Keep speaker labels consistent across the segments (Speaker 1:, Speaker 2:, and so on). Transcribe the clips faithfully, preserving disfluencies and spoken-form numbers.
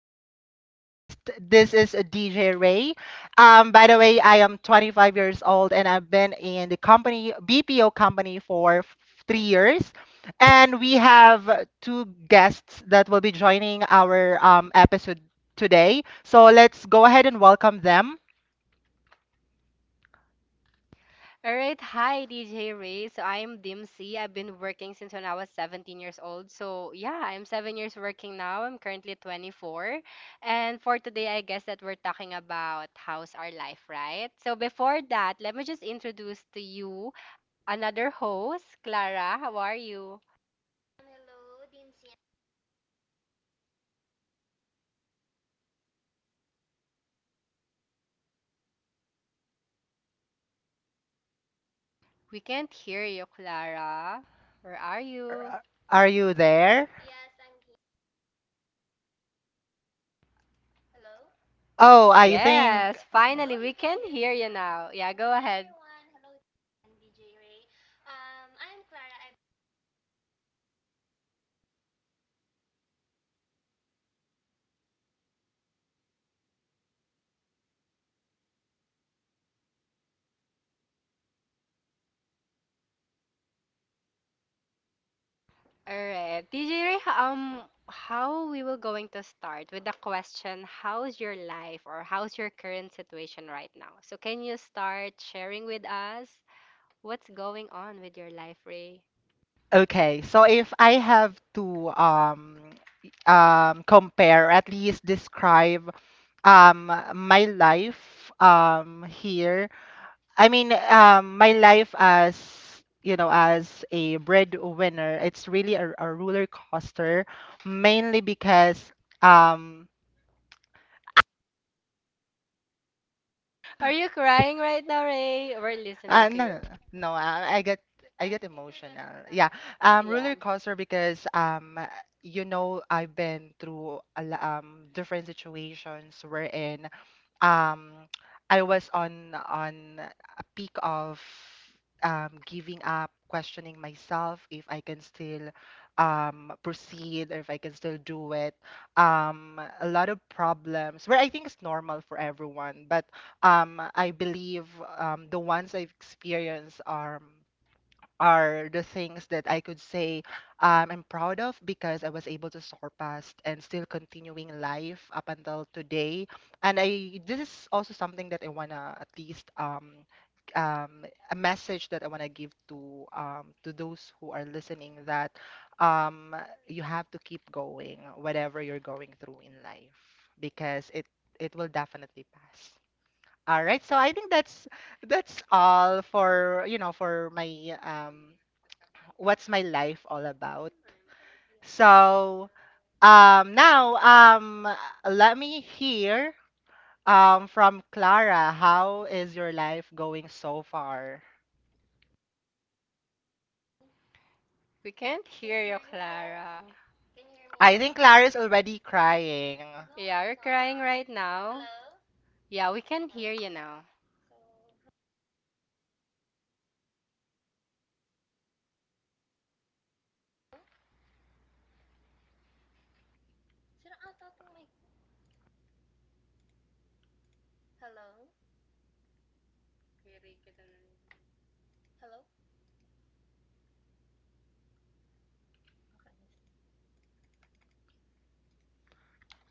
Speaker 1: be your host. This is D J Ray. Um, by the way, I am twenty-five years old and I've been in the company, B P O company, for f- three years. And we have two guests that will be joining our um, episode today. So, let's go ahead and welcome them.
Speaker 2: All right, hi D J Ray. So I'm Dimsy. I've been working since when I was seventeen years old. So yeah, I'm seven years working now. I'm currently twenty-four. And for today, I guess that we're talking about how's our life, right? So before that, let me just introduce to you another host, Clara. How are you? We can't hear you, Clara. Where are you?
Speaker 1: Are you there? Oh, I think.
Speaker 2: Yes,
Speaker 1: Oh.
Speaker 2: finally, we can hear you now. Yeah, go ahead.
Speaker 1: Um,
Speaker 2: All right. D J Ray, ho- um, how we will going to start with the question, how's your life or how's your current situation right now? So can you start sharing with us what's going on with your life, Ray?
Speaker 1: Okay, so if I have to um um compare, at least describe um my life um here. I mean, um my life as you know as a breadwinner. It's really a, a roller coaster, mainly because um
Speaker 2: Are you crying right now, Ray? We're listening
Speaker 1: Uh,
Speaker 2: to
Speaker 1: no, no,
Speaker 2: you.
Speaker 1: no, no. I, I get, I get emotional. Yeah, um,
Speaker 2: Yeah.
Speaker 1: roller coaster because, um, you know, I've been through a, lo- um different situations wherein, um, I was on on a peak of um giving up, questioning myself if I can still um proceed or if I can still do it. Um, a lot of problems where I think it's normal for everyone, but um, I believe um, the ones I've experienced are are the things that I could say, um, I'm proud of because I was able to surpass and still continuing life up until today. And I this is also something that I wanna at least, um, um, a message that I wanna give to, um, to those who are listening that, um, you have to keep going whatever you're going through in life because it it will definitely pass. All right. So I think that's that's all for, you know, for my um what's my life all about. So um now um let me hear um from Clara, how is your life going so far?
Speaker 2: We can't hear you, Clara.
Speaker 1: I think Clara is already crying.
Speaker 2: Yeah, you're crying right now. Yeah, we can hear you now.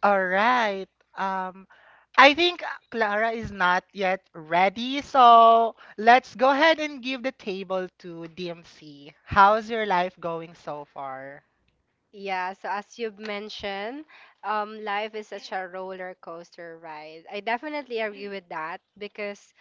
Speaker 1: All right. Um, I think Clara is not yet ready, so let's go ahead and give the table to D M C. How's your life going so far?
Speaker 2: Yeah, so as you've mentioned, um, life is such a roller coaster ride. I definitely agree with that because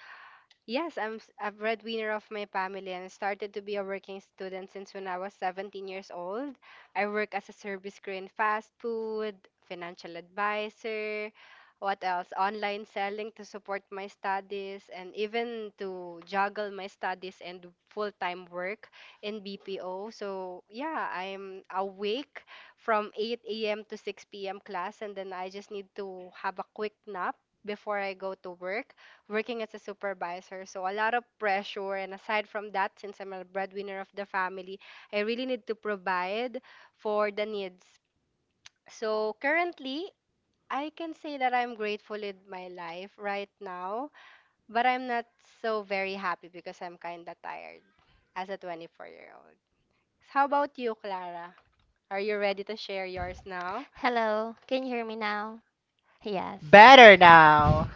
Speaker 2: yes, I'm s- a breadwinner of my family and started to be a working student since when I was seventeen years old. I work as a service crew in fast food, financial advisor, what else? Online selling to support my studies and even to juggle my studies and full-time work in B P O. So, yeah, I'm awake from eight a m to six p m class, and then I just need to have a quick nap before I go to work, working as a supervisor. So a lot of pressure. And aside from that, since I'm a breadwinner of the family, I really need to provide for the needs. So currently, I can say that I'm grateful in my life right now, but I'm not so very happy because I'm kind of tired as a twenty-four year old. How about you, Clara? Are you ready to share yours now?
Speaker 1: Better now.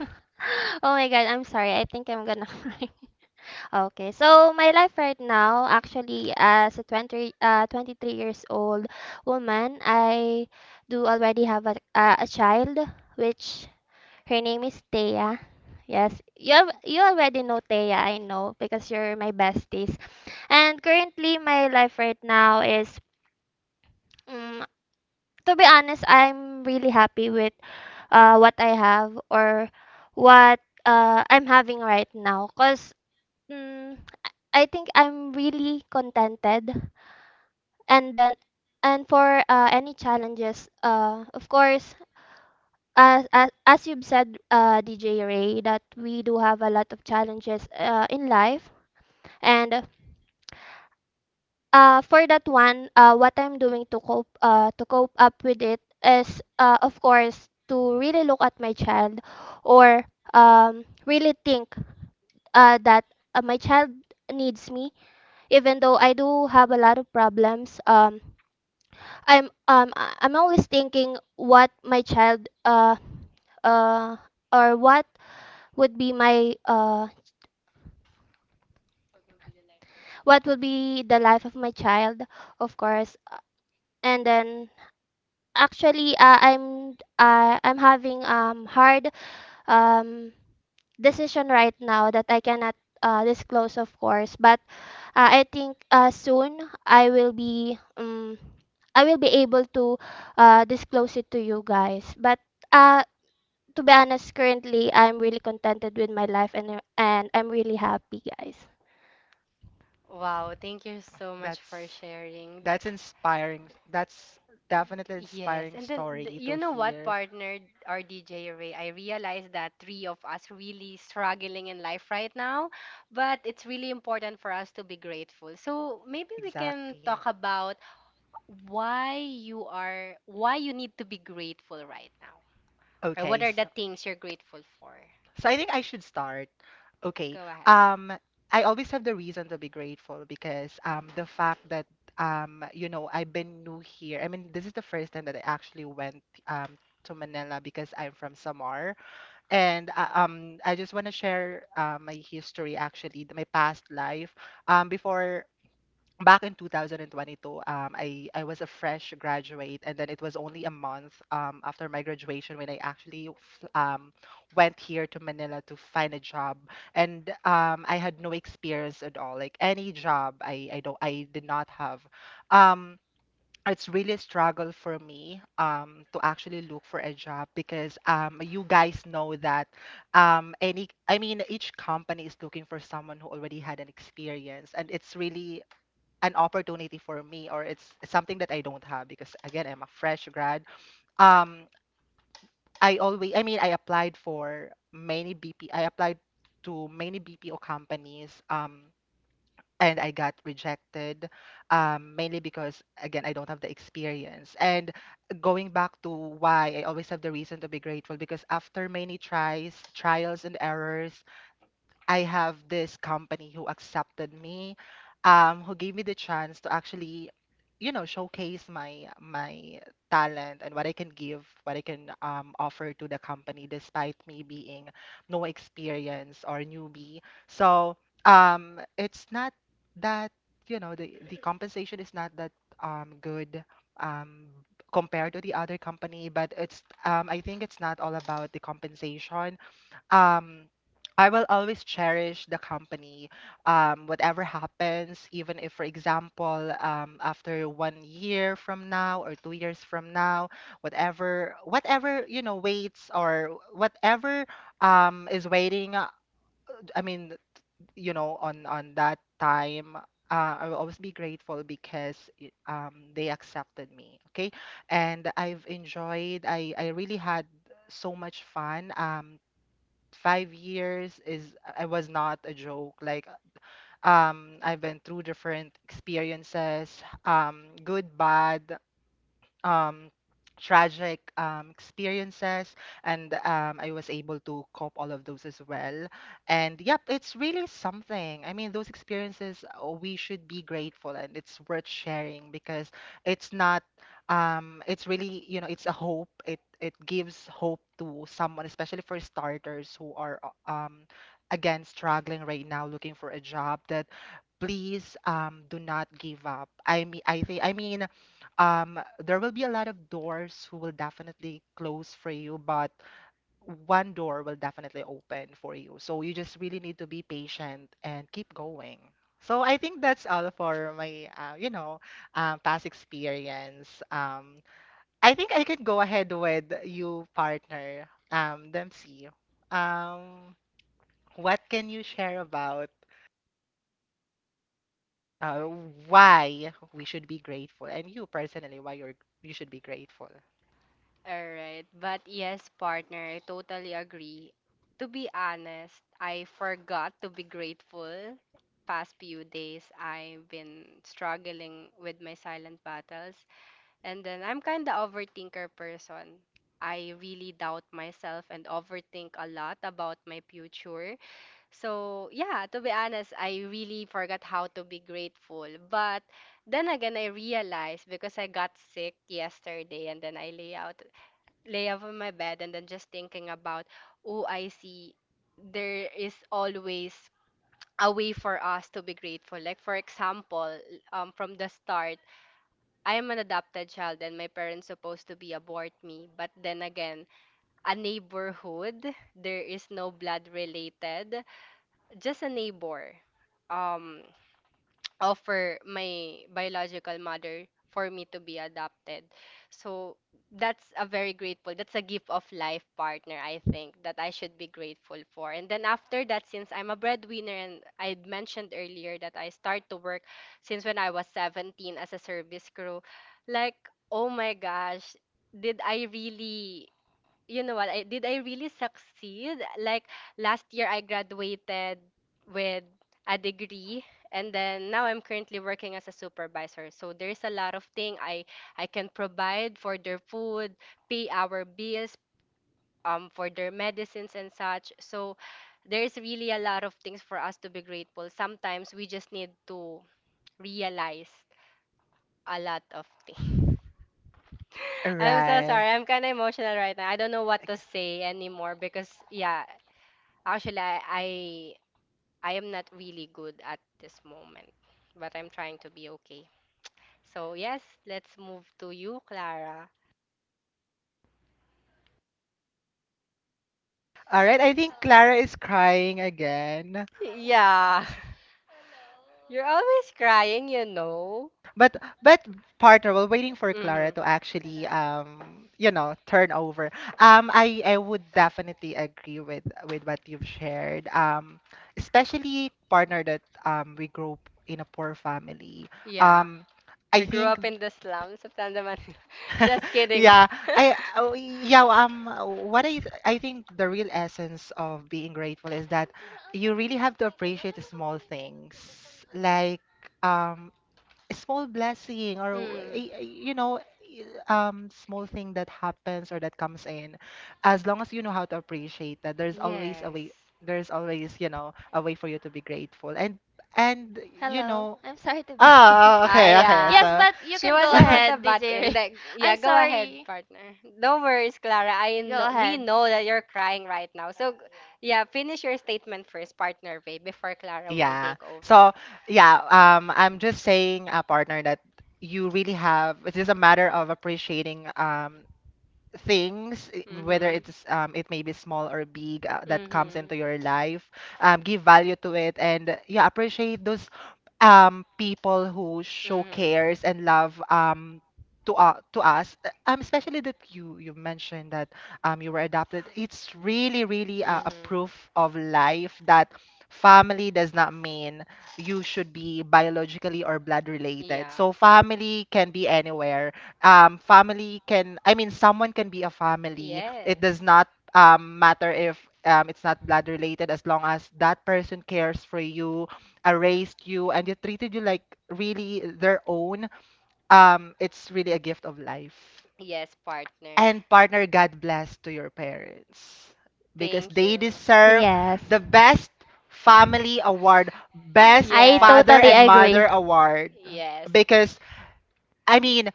Speaker 2: Wow, thank you so much for
Speaker 1: That's
Speaker 2: sharing.
Speaker 1: that's inspiring. That's definitely
Speaker 2: Yes,
Speaker 1: inspiring
Speaker 2: and then th-
Speaker 1: story
Speaker 2: you
Speaker 1: to
Speaker 2: know what,
Speaker 1: hear.
Speaker 2: partner or D J Ray, I realize that three of us really struggling in life right now, but it's really important for us to be grateful. So maybe we can
Speaker 1: Exactly.
Speaker 2: talk about why you are, why you need to be grateful right now, or
Speaker 1: Okay,
Speaker 2: what are
Speaker 1: so.
Speaker 2: the things you're grateful for.
Speaker 1: So I think I should start. Okay.
Speaker 2: Go ahead.
Speaker 1: Um, I always have the reason to be grateful because, um, the fact that, um, you know, I've been new here. I mean, this is the first time that I actually went, um, to Manila because I'm from Samar, and uh, um, I just want to share uh, my history actually, th- my past life. Um, before back in two thousand twenty-two, um, I, I was a fresh graduate and then it was only a month, um, after my graduation when I actually f- um, went here to Manila to find a job and, um, I had no experience at all like any job i, I don't I did not have, um, it's really a struggle for me, um, to actually look for a job because, um, you guys know that, um, any I mean each company is looking for someone who already had an experience and it's really an opportunity for me or it's something that I don't have because again I'm a fresh grad. Um I always I mean I applied for many B P I applied to many B P O companies um and I got rejected, um mainly because again I don't have the experience. And going back to why I always have the reason to be grateful because after many tries, trials and errors, I have this company who accepted me, um, who gave me the chance to actually, you know, showcase my my talent and what I can give, what I can, um, offer to the company, despite me being no experience or newbie. So, um, it's not that, you know, the the compensation is not that, um, good, um, compared to the other company, but it's, um, I think it's not all about the compensation. um I will always cherish the company. Um, whatever happens, even if, for example, um, after one year from now or two years from now, whatever, whatever, you know, waits or whatever, um, is waiting, uh, I mean, you know, on on that time, uh, I will always be grateful because y- um, they accepted me. Okay, and I've enjoyed. I I really had so much fun. Um, five years is I was not a joke. Like, um I've been through different experiences, um, good, bad, um, tragic, um, experiences, and, um, I was able to cope all of those as well. And yep, it's really something. I mean, those experiences, uh, we should be grateful, and it's worth sharing because it's not. Um, it's really, you know, it's a hope. It it gives hope to someone, especially for starters who are, uh, um, again struggling right now, looking for a job. That please, um, do not give up. I mean, I think I mean um, There will be a lot of doors who will definitely close for you, but one door will definitely open for you. So you just really need to be patient and keep going. So I think that's all for my, uh, you know, uh, past experience. Um, I think I can go ahead with you, partner, um, Dempsey. Um, what can you share about uh, why we should be grateful, and you personally, why you're you should be grateful?
Speaker 2: All right. But yes, partner, I totally agree. To be honest, I forgot to be grateful. Past few days, I've been struggling with my silent battles. And then I'm kind of overthinker person. I really doubt myself and overthink a lot about my future. So, yeah, to be honest, I really forgot how to be grateful. But then again, I realized because I got sick yesterday and then I lay out lay up on my bed and then just thinking about, oh, I see there is always a way for us to be grateful. Like for example, um, from the start, I am an adopted child and my parents supposed to be abort me. But then again, a neighborhood, there is no blood related, just a neighbor. Um, Offer my biological mother for me to be adopted. So that's a very grateful. That's a gift of life, partner, I think, that I should be grateful for. And then after that, since I'm a breadwinner and I had mentioned earlier that I start to work since when I was seventeen as a service crew, like, oh my gosh, did I really, you know what, I did I really succeed? Like last year I graduated with a degree, and then now I'm currently working as a supervisor, so there's a lot of thing I I can provide for their food, pay our bills, um for their medicines and such. So there's really a lot of things for us to be grateful. Sometimes we just need to realize a lot of things. I'm so
Speaker 1: Right.
Speaker 2: sorry. I'm kind of emotional right now. I don't know what to say anymore because, yeah, actually, I, I I am not really good at this moment, but I'm trying to be okay. So yes, let's move to you, Clara.
Speaker 1: All right, I think Clara is crying again.
Speaker 2: Yeah, you're always crying, you know.
Speaker 1: But but partner, we're waiting for
Speaker 2: Mm-hmm.
Speaker 1: Clara to actually um you know turn over. Um, I I would definitely agree with with what you've shared. Um, especially partner that um we grew up in a poor family.
Speaker 2: Yeah,
Speaker 1: Um, I
Speaker 2: we grew
Speaker 1: think.
Speaker 2: up in the slums of Tanda Manila. Just kidding.
Speaker 1: Yeah, I oh, yeah um what I I think the real essence of being grateful is that you really have to appreciate the small things like, um a small blessing or
Speaker 2: Mm.
Speaker 1: y- y- you know, um small thing that happens or that comes in as long as you know how to appreciate that there's always a
Speaker 2: Yes.
Speaker 1: way, there's always you know a way for you to be grateful and and you know, ah ah,
Speaker 2: Ah,
Speaker 1: okay, okay,
Speaker 2: yeah.
Speaker 1: so.
Speaker 2: She was about to butt in. That, yeah, go ahead, partner. No worries, Clara. I know, we know that you're crying right now. So, g- yeah, finish your statement first, partner Ray, before Clara will
Speaker 1: Yeah.
Speaker 2: take over.
Speaker 1: So, yeah, um, I'm just saying, uh, partner, that you really have, it's just a matter of appreciating, um, things i- whether
Speaker 2: Mhm.
Speaker 1: it's, um it may be small or big, uh, that comes
Speaker 2: Mhm.
Speaker 1: into your life, um give value to it and, uh, yeah, appreciate those, um people who show
Speaker 2: Mhm.
Speaker 1: cares and love, um to, uh, to us. Uh, um especially that you you mentioned that, um you were adopted, it's really really, uh, a
Speaker 2: Mhm.
Speaker 1: proof of life that family does not mean you should be biologically or blood related,
Speaker 2: Yeah.
Speaker 1: so family can be anywhere, um, family can, I mean, someone can be a family. It does
Speaker 2: Yes.
Speaker 1: not, um, matter if, um, it's not blood related, as long as that person cares for you, uh, raised you, and they treated you like really their own. Um, it's really a gift of life.
Speaker 2: Yes, partner.
Speaker 1: And partner, God bless to your parents because
Speaker 2: Thank.
Speaker 1: they deserve the best family award, best father and mother award.
Speaker 2: Yes.
Speaker 1: Because I mean,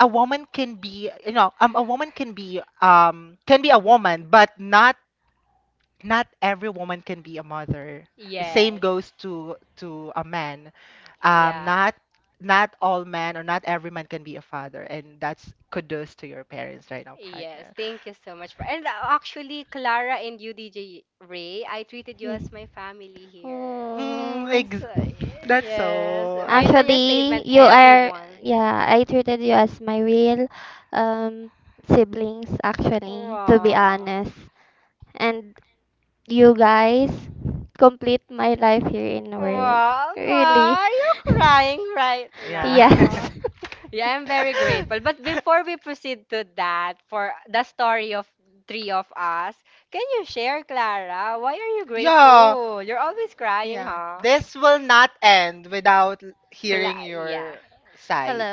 Speaker 1: a woman can be you know, um, a woman can be, um can be a woman but not not every woman can be a mother, same
Speaker 2: It.
Speaker 1: goes to to a man, um not not all men or not every man can be a father, and that's kudos to your parents right now,
Speaker 2: Yes,
Speaker 1: partner.
Speaker 2: thank you so much for. And uh, actually, Clara and you, D J Ray, I treated you as my family here.
Speaker 1: mm, ex-
Speaker 2: So, y-
Speaker 1: that's
Speaker 2: yes,
Speaker 1: so uh,
Speaker 2: based on your statement, everyone. Wow. Wow, wow, are you crying right
Speaker 1: yeah.
Speaker 2: now? Yeah, I'm very grateful. But before we proceed to that, for the story of three of us, can you share, Clara? Why are you
Speaker 1: Yeah.
Speaker 2: grateful? You're always crying,
Speaker 1: Yeah.
Speaker 2: huh?
Speaker 1: This will not end without l-
Speaker 2: Cla
Speaker 1: hearing
Speaker 2: Yeah.
Speaker 1: your side.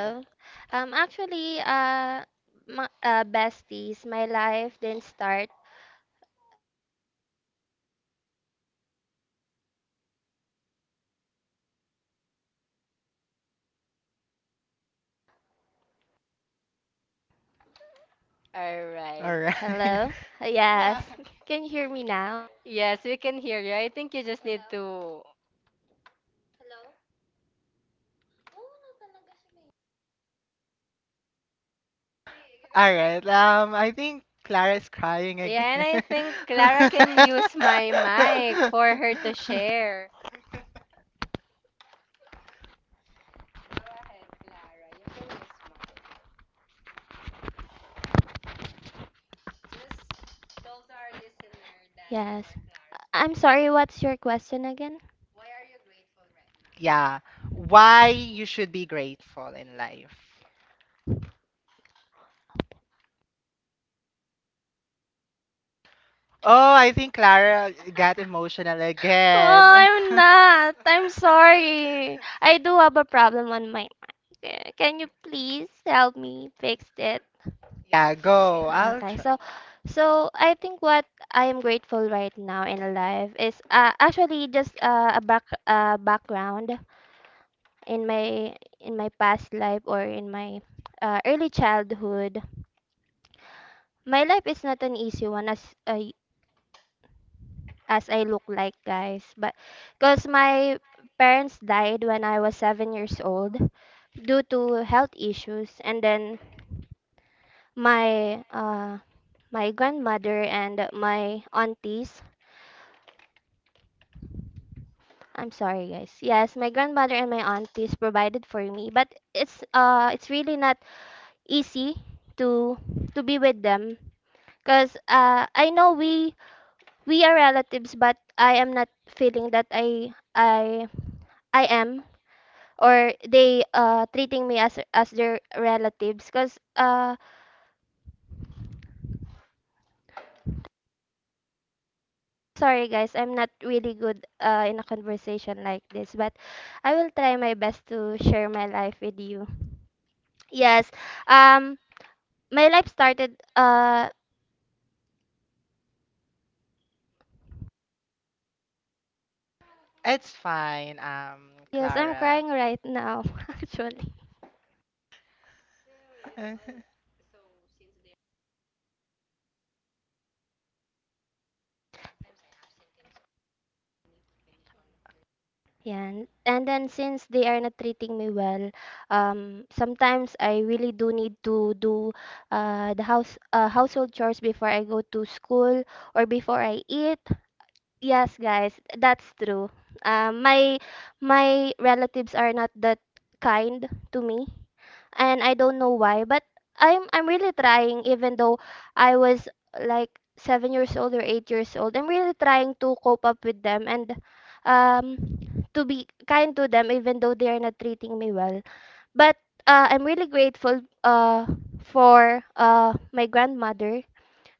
Speaker 2: All right.
Speaker 1: Alright.
Speaker 2: Yes, we can hear you. I think you just need to.
Speaker 1: Alright. Um I think Clara is crying
Speaker 2: Yeah, and I
Speaker 1: again.
Speaker 2: think Clara can use my mic for her to share. Go ahead, Clara. You can use mine. Yes. I'm sorry, what's your question again?
Speaker 1: Yeah. Why you should be grateful in life. Oh, I think Clara got emotional
Speaker 2: No,
Speaker 1: again.
Speaker 2: I'm not. I do have a problem on my mind. Uh, Can you please help me fix it?
Speaker 1: Yeah, go. I'll
Speaker 2: Okay,
Speaker 1: try.
Speaker 2: so, so I think what I am grateful right now in life is uh, actually just uh, a back uh, background in my in my past life or in my uh, early childhood. My life is not an easy one as uh, as I look like, guys. But because my parents died when I was seven years old due to health issues, and then my uh, my grandmother and my aunties. I'm sorry, guys. Yes, my grandmother and my aunties provided for me, but it's uh it's really not easy to to be with them because uh I know we we are relatives, but I am not feeling that I I I am, or they uh treating me as as their relatives because uh sorry guys, I'm not really good uh in a conversation like this, but I will try my best to share my life with you. Yes. um my life started uh
Speaker 1: It's fine, um,
Speaker 2: yes, I'm
Speaker 1: Clara.
Speaker 2: crying right now actually.
Speaker 1: Uh,
Speaker 2: Yeah, and then since they are not treating me well, um, sometimes I really do need to do uh, the house uh, household chores before I go to school or before I eat. Yes, guys, that's true. Um, my my relatives are not that kind to me, and I don't know why, but I'm I'm really trying, even though I was like seven years old or eight years old. I'm really trying to cope up with them, and um to be kind to them, even though they are not treating me well. But uh, I'm really grateful uh for uh my grandmother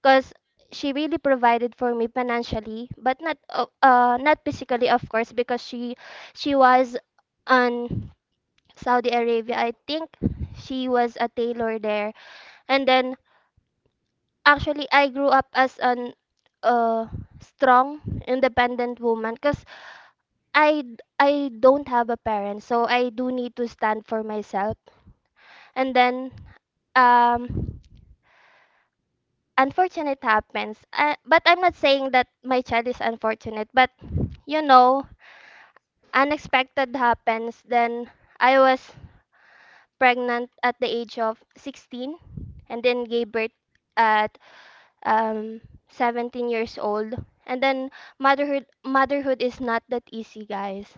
Speaker 2: because she really provided for me financially but not uh, uh not physically, of course, because she she was on Saudi Arabia, I think. She was a tailor there. And then actually I grew up as an uh strong independent woman because I d- I don't have a parent, so I do need to stand for myself. And then um unfortunate happens, uh, but I'm not saying that my child is unfortunate, but you know, unexpected happens. Then I was pregnant at the age of sixteen and then gave birth at um seventeen years old. And then motherhood motherhood is not that easy, guys.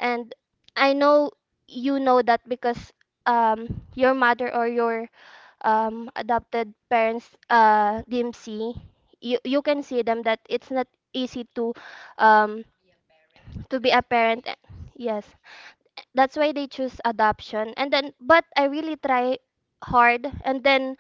Speaker 2: And I know you know that because um your mother or your um adopted parents, uh D M C, you you can see them that it's not easy to um to be a parent. Yes. That's why they choose adoption. And then but I really try hard and then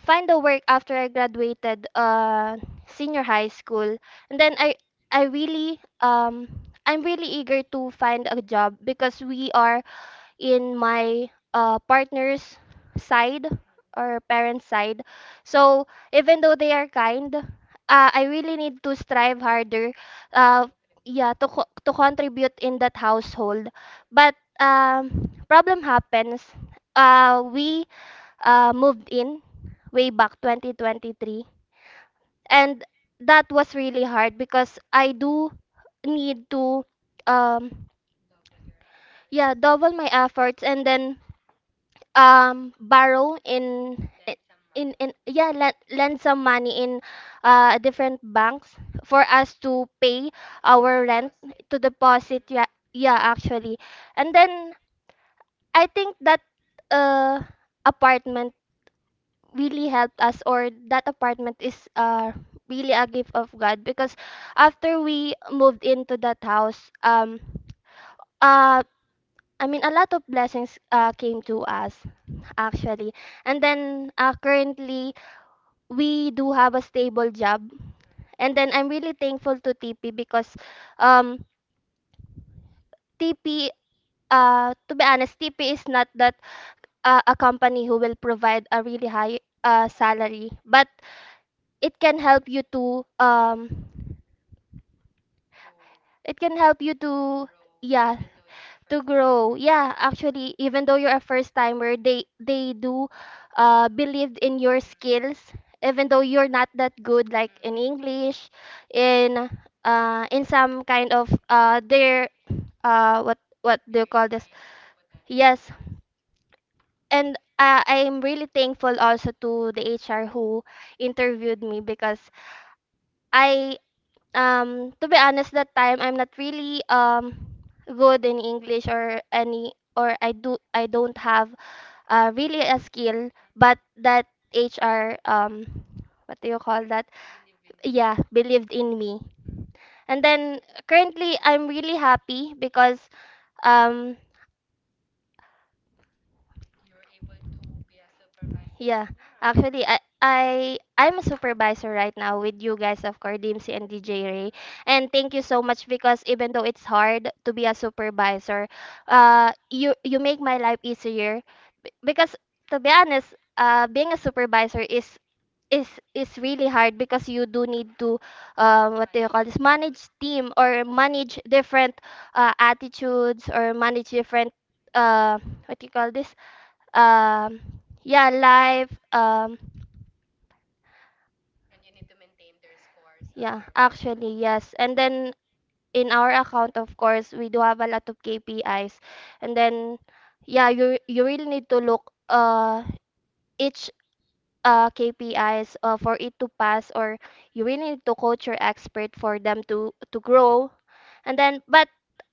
Speaker 2: find a work after I graduated uh senior high school. And then i i really um I'm really eager to find a job because we are in my uh, partner's side or parents' side. So even though they are kind, uh, I really need to strive harder. Uh, yeah, to co- to contribute in that household. But um, problem happens. Uh, we uh, moved in way back twenty twenty-three, and that was really hard because I do need to um yeah double my efforts, and then um borrow in in in yeah lend, lend some money in uh different banks for us to pay our rent, to deposit, yeah, yeah actually. And then I think that uh apartment really helped us, or that apartment is uh really a gift of God, because after we moved into that house, um uh i mean a lot of blessings uh came to us actually. And then uh, currently, we do have a stable job. And then I'm really thankful to T P because um, T P, uh, to be honest, T P is not that uh, a company who will provide a really high uh, salary, but it can help you to um, it can help you to yeah, to grow, yeah. Actually, even though you're a first timer, they they do uh, believe in your skills, even though you're not that good, like in English, in uh, in some kind of uh, their uh, what what do you call this? Yes. And uh, I'm really thankful also to the HR who interviewed me because I um, to be honest, that time I'm not really um, good in English or any, or i do i don't have uh, really a skill, but that H R, um, what do you call that? Yeah, believed in me. And then currently, I'm really happy because, um, yeah, actually, I. I I'm a supervisor right now with you guys, of course, D M C and D J Ray. And thank you so much because even though it's hard to be a supervisor, uh, you you make my life easier. B- because to be honest, uh, being a supervisor is, is is really hard because you do need to um, what do you call this, manage team or manage different uh, attitudes, or manage different uh, what do you call this, um, yeah, live, um, yeah, actually, yes. And then in our account, of course, we do have a lot of K P Is. And then yeah, you you really need to look uh, each uh, K P Is uh, for it to pass, or you really need to coach your expert for them to to grow. And then, but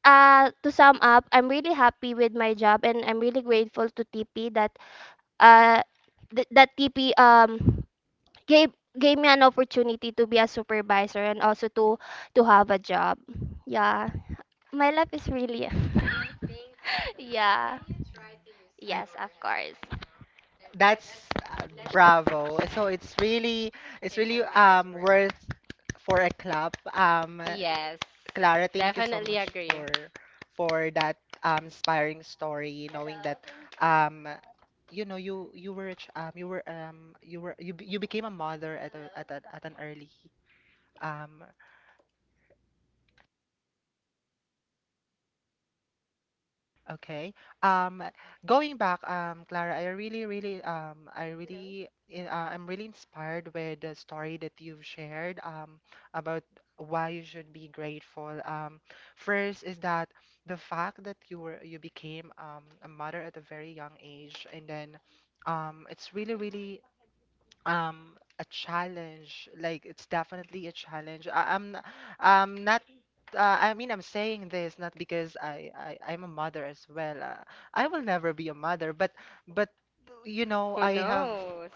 Speaker 2: uh, to sum up, I'm really happy with my job, and I'm really grateful to T P that uh, th- that T P um, gave gave me an opportunity to be a supervisor, and also to to have a job. Yeah, my life is really. Yeah.
Speaker 1: I,
Speaker 2: Yes, of course.
Speaker 1: that's, uh, bravo. So it's really it's really, um worth for a clap. Um,
Speaker 2: Yes.
Speaker 1: Clara, thank you so much for for that, um inspiring story. Knowing that, um you know you you were a ch- um you were, um you were you be- you became a mother at a, at a, at an early, um Okay. Um, Going back, um, Clara, I really, really, um, I really, in- uh, I'm really inspired with the story that you've shared, um, about why you should be grateful. Um, first is that the fact that you were, you became, um, a mother at a very young age, and then, um, it's really, really, um, a challenge, like it's definitely a challenge. I, I'm, n- I'm not. Uh, I mean, I'm saying this not because I, I I'm a mother as well. Uh, I will never be a mother, but but you know,
Speaker 2: Who
Speaker 1: I have
Speaker 2: knows?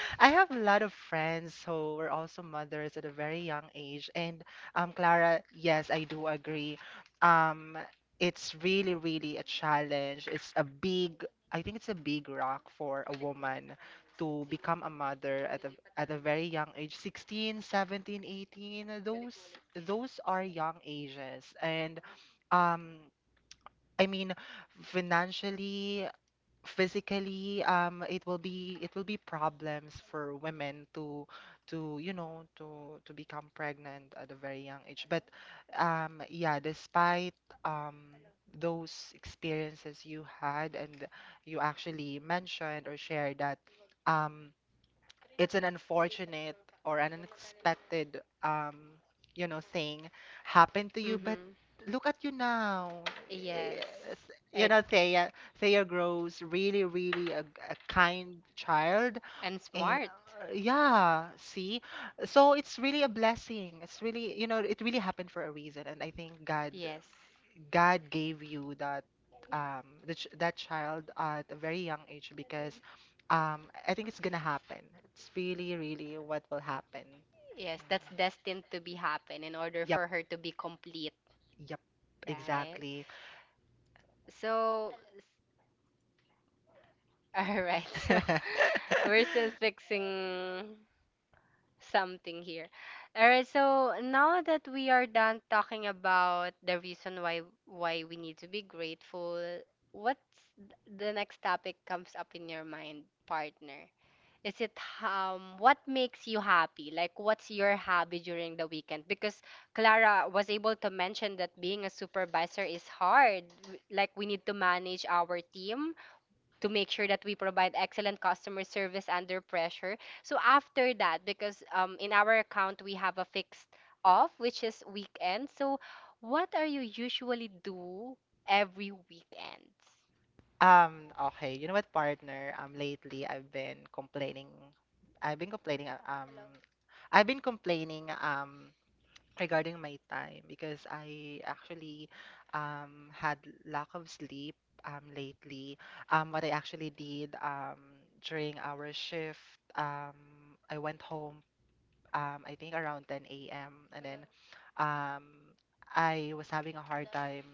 Speaker 1: I have a lot of friends who were also mothers at a very young age. And, um, Clara, yes, I do agree. Um, it's really, really a challenge. It's a big, I think it's a big rock for a woman to become a mother at a, at a very young age: sixteen, seventeen, eighteen. uh, those those are young ages, and um I mean financially, physically, um it will be, it will be problems for women to to you know to to become pregnant at a very young age. But um yeah, despite um those experiences you had, and you actually mentioned or shared that um it's an unfortunate or an unexpected, um you know thing happened to you, but
Speaker 2: Mm-hmm.
Speaker 1: look at you now. Eh, you know, Thea, Thea grows really, really a, a kind child.
Speaker 2: And
Speaker 1: And
Speaker 2: smart.
Speaker 1: uh, yeah, see, so it's really a blessing. It's really, you know, it really happened for a reason, and I think God
Speaker 2: Yes,
Speaker 1: God gave you that, um the ch that child at a very young age, because um I think it's gonna happen. It's really, really what will happen.
Speaker 2: yes, that's destined
Speaker 1: Mm.
Speaker 2: to be happen in order for
Speaker 1: Yep.
Speaker 2: her to be complete,
Speaker 1: Yep,
Speaker 2: right?
Speaker 1: exactly.
Speaker 2: Exactly. So, all right. So, we're still fixing something here. All right, so now that we are done talking about the reason why why we need to be grateful, what's th- the next topic comes up in your mind, partner? Is it um, what makes you happy? Like what's your hobby during the weekend? Because Clara was able to mention that being a supervisor is hard. W- Like we need to manage our team to make sure that we provide excellent customer service under pressure. So after that, because um, in our account we have a fixed off, which is weekend. So what are you usually do every weekend?
Speaker 1: Um, okay, you know what, partner? Um, lately I've been complaining. I've been complaining. Uh, Um, I've been complaining. Um, regarding my time, because I actually um, had lack of sleep, um, lately. Um, what I actually did, um, during our shift, um, I went home um, I think around ten a m. And then um, I was having a hard time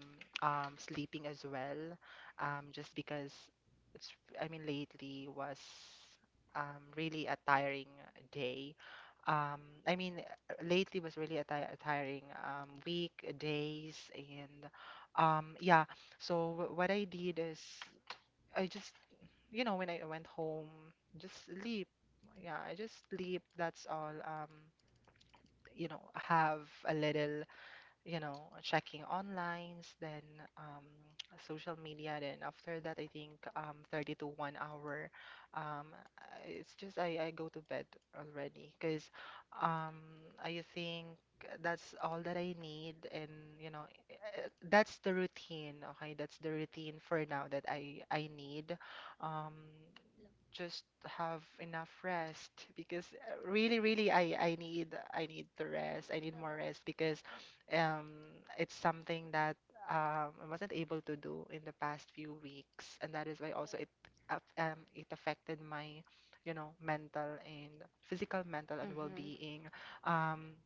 Speaker 1: um, sleeping as well, um, just because it's, I mean, lately was um, really a tiring day. Um, I mean, lately was really a, ti a tiring um, week, days, and um, yeah. So wh- what I did is I just, you know, when I went home, just sleep. Yeah, I just sleep. That's all. Um, you know, have a little, you know, checking onlines, then um, social media, then after that, I think um, thirty to one hour. Um, it's just I, I go to bed already, because um, I think that's all that I need. And you know, eh, that's the routine. Okay, that's the routine for now that I I need. Um, just have enough rest, because uh, really, really I I need I need to rest. I need more rest, because um, it's something that um, I wasn't able to do in the past few weeks, and that is why also it af- um, it affected my, you know, mental and physical, mental and
Speaker 2: Mhm.
Speaker 1: well-being. Um,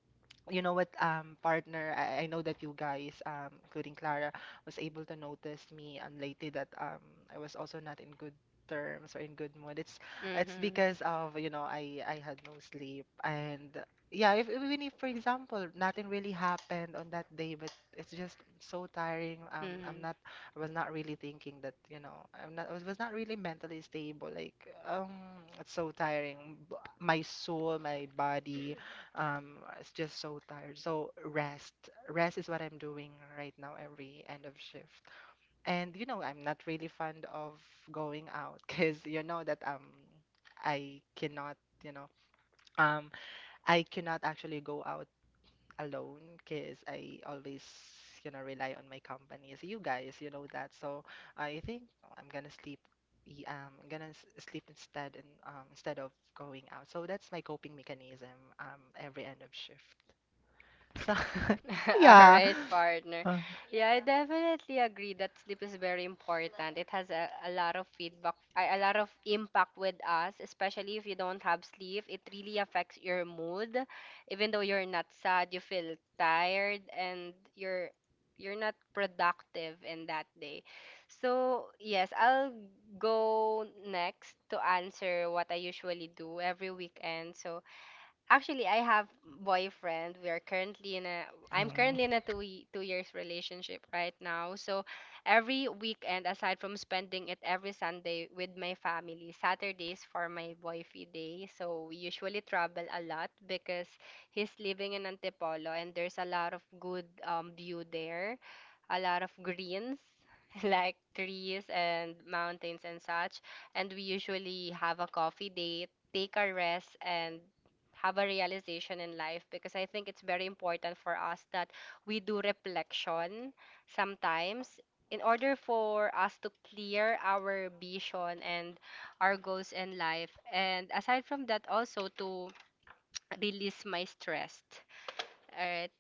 Speaker 1: you know what, um, partner, I, I know that you guys, um, including Clara, was able to notice me unlately that um, I was also not in good terms or in good mood. It's it's
Speaker 2: Mm-hmm.
Speaker 1: because of, you know, I I had no sleep. And yeah, if even if, for example, nothing really happened on that day, but it's just so tiring. Um, I'm not, I was not really thinking that, you know, I'm not, I was not really mentally stable. Like,
Speaker 2: Mm-hmm.
Speaker 1: um, it's so tiring. B- My soul, my body, um, it's just so tired. So rest, rest is what I'm doing right now every end of shift. And you know, I'm not really fond of going out, because you know that um, I cannot, you know, um, I cannot actually go out alone, because I always, you know, rely on my company. So you guys, you know that. So I think I'm gonna sleep. y- Um, I'm gonna s- sleep instead, and um, instead of going out. So that's my coping mechanism, um, every end of shift. Sa
Speaker 2: All
Speaker 1: yeah.
Speaker 2: right, partner.
Speaker 1: Uh,
Speaker 2: Yeah, I definitely agree that sleep is very important. It has a, a lot of feedback, a, a lot of impact with us, especially if you don't have sleep. It really affects your mood. Even though you're not sad, you feel tired, and you're you're not productive in that day. So, yes, I'll go next to answer what I usually do every weekend. So, actually, I have boyfriend. We are currently in a I'm currently in a
Speaker 1: mm.
Speaker 2: two ye- two years relationship right now. So every weekend, aside from spending it every Sunday with my family, Saturdays for my boyfriend day. So we usually travel a lot because he's living in Antipolo, and there's a lot of good um, view there, a lot of greens. Like trees and mountains and such, and we usually have a coffee date, take a rest, and have a realization in life because I think it's very important for us that we do reflection sometimes in order for us to clear our vision and our goals in life. And aside from that, also to release my stress. All right.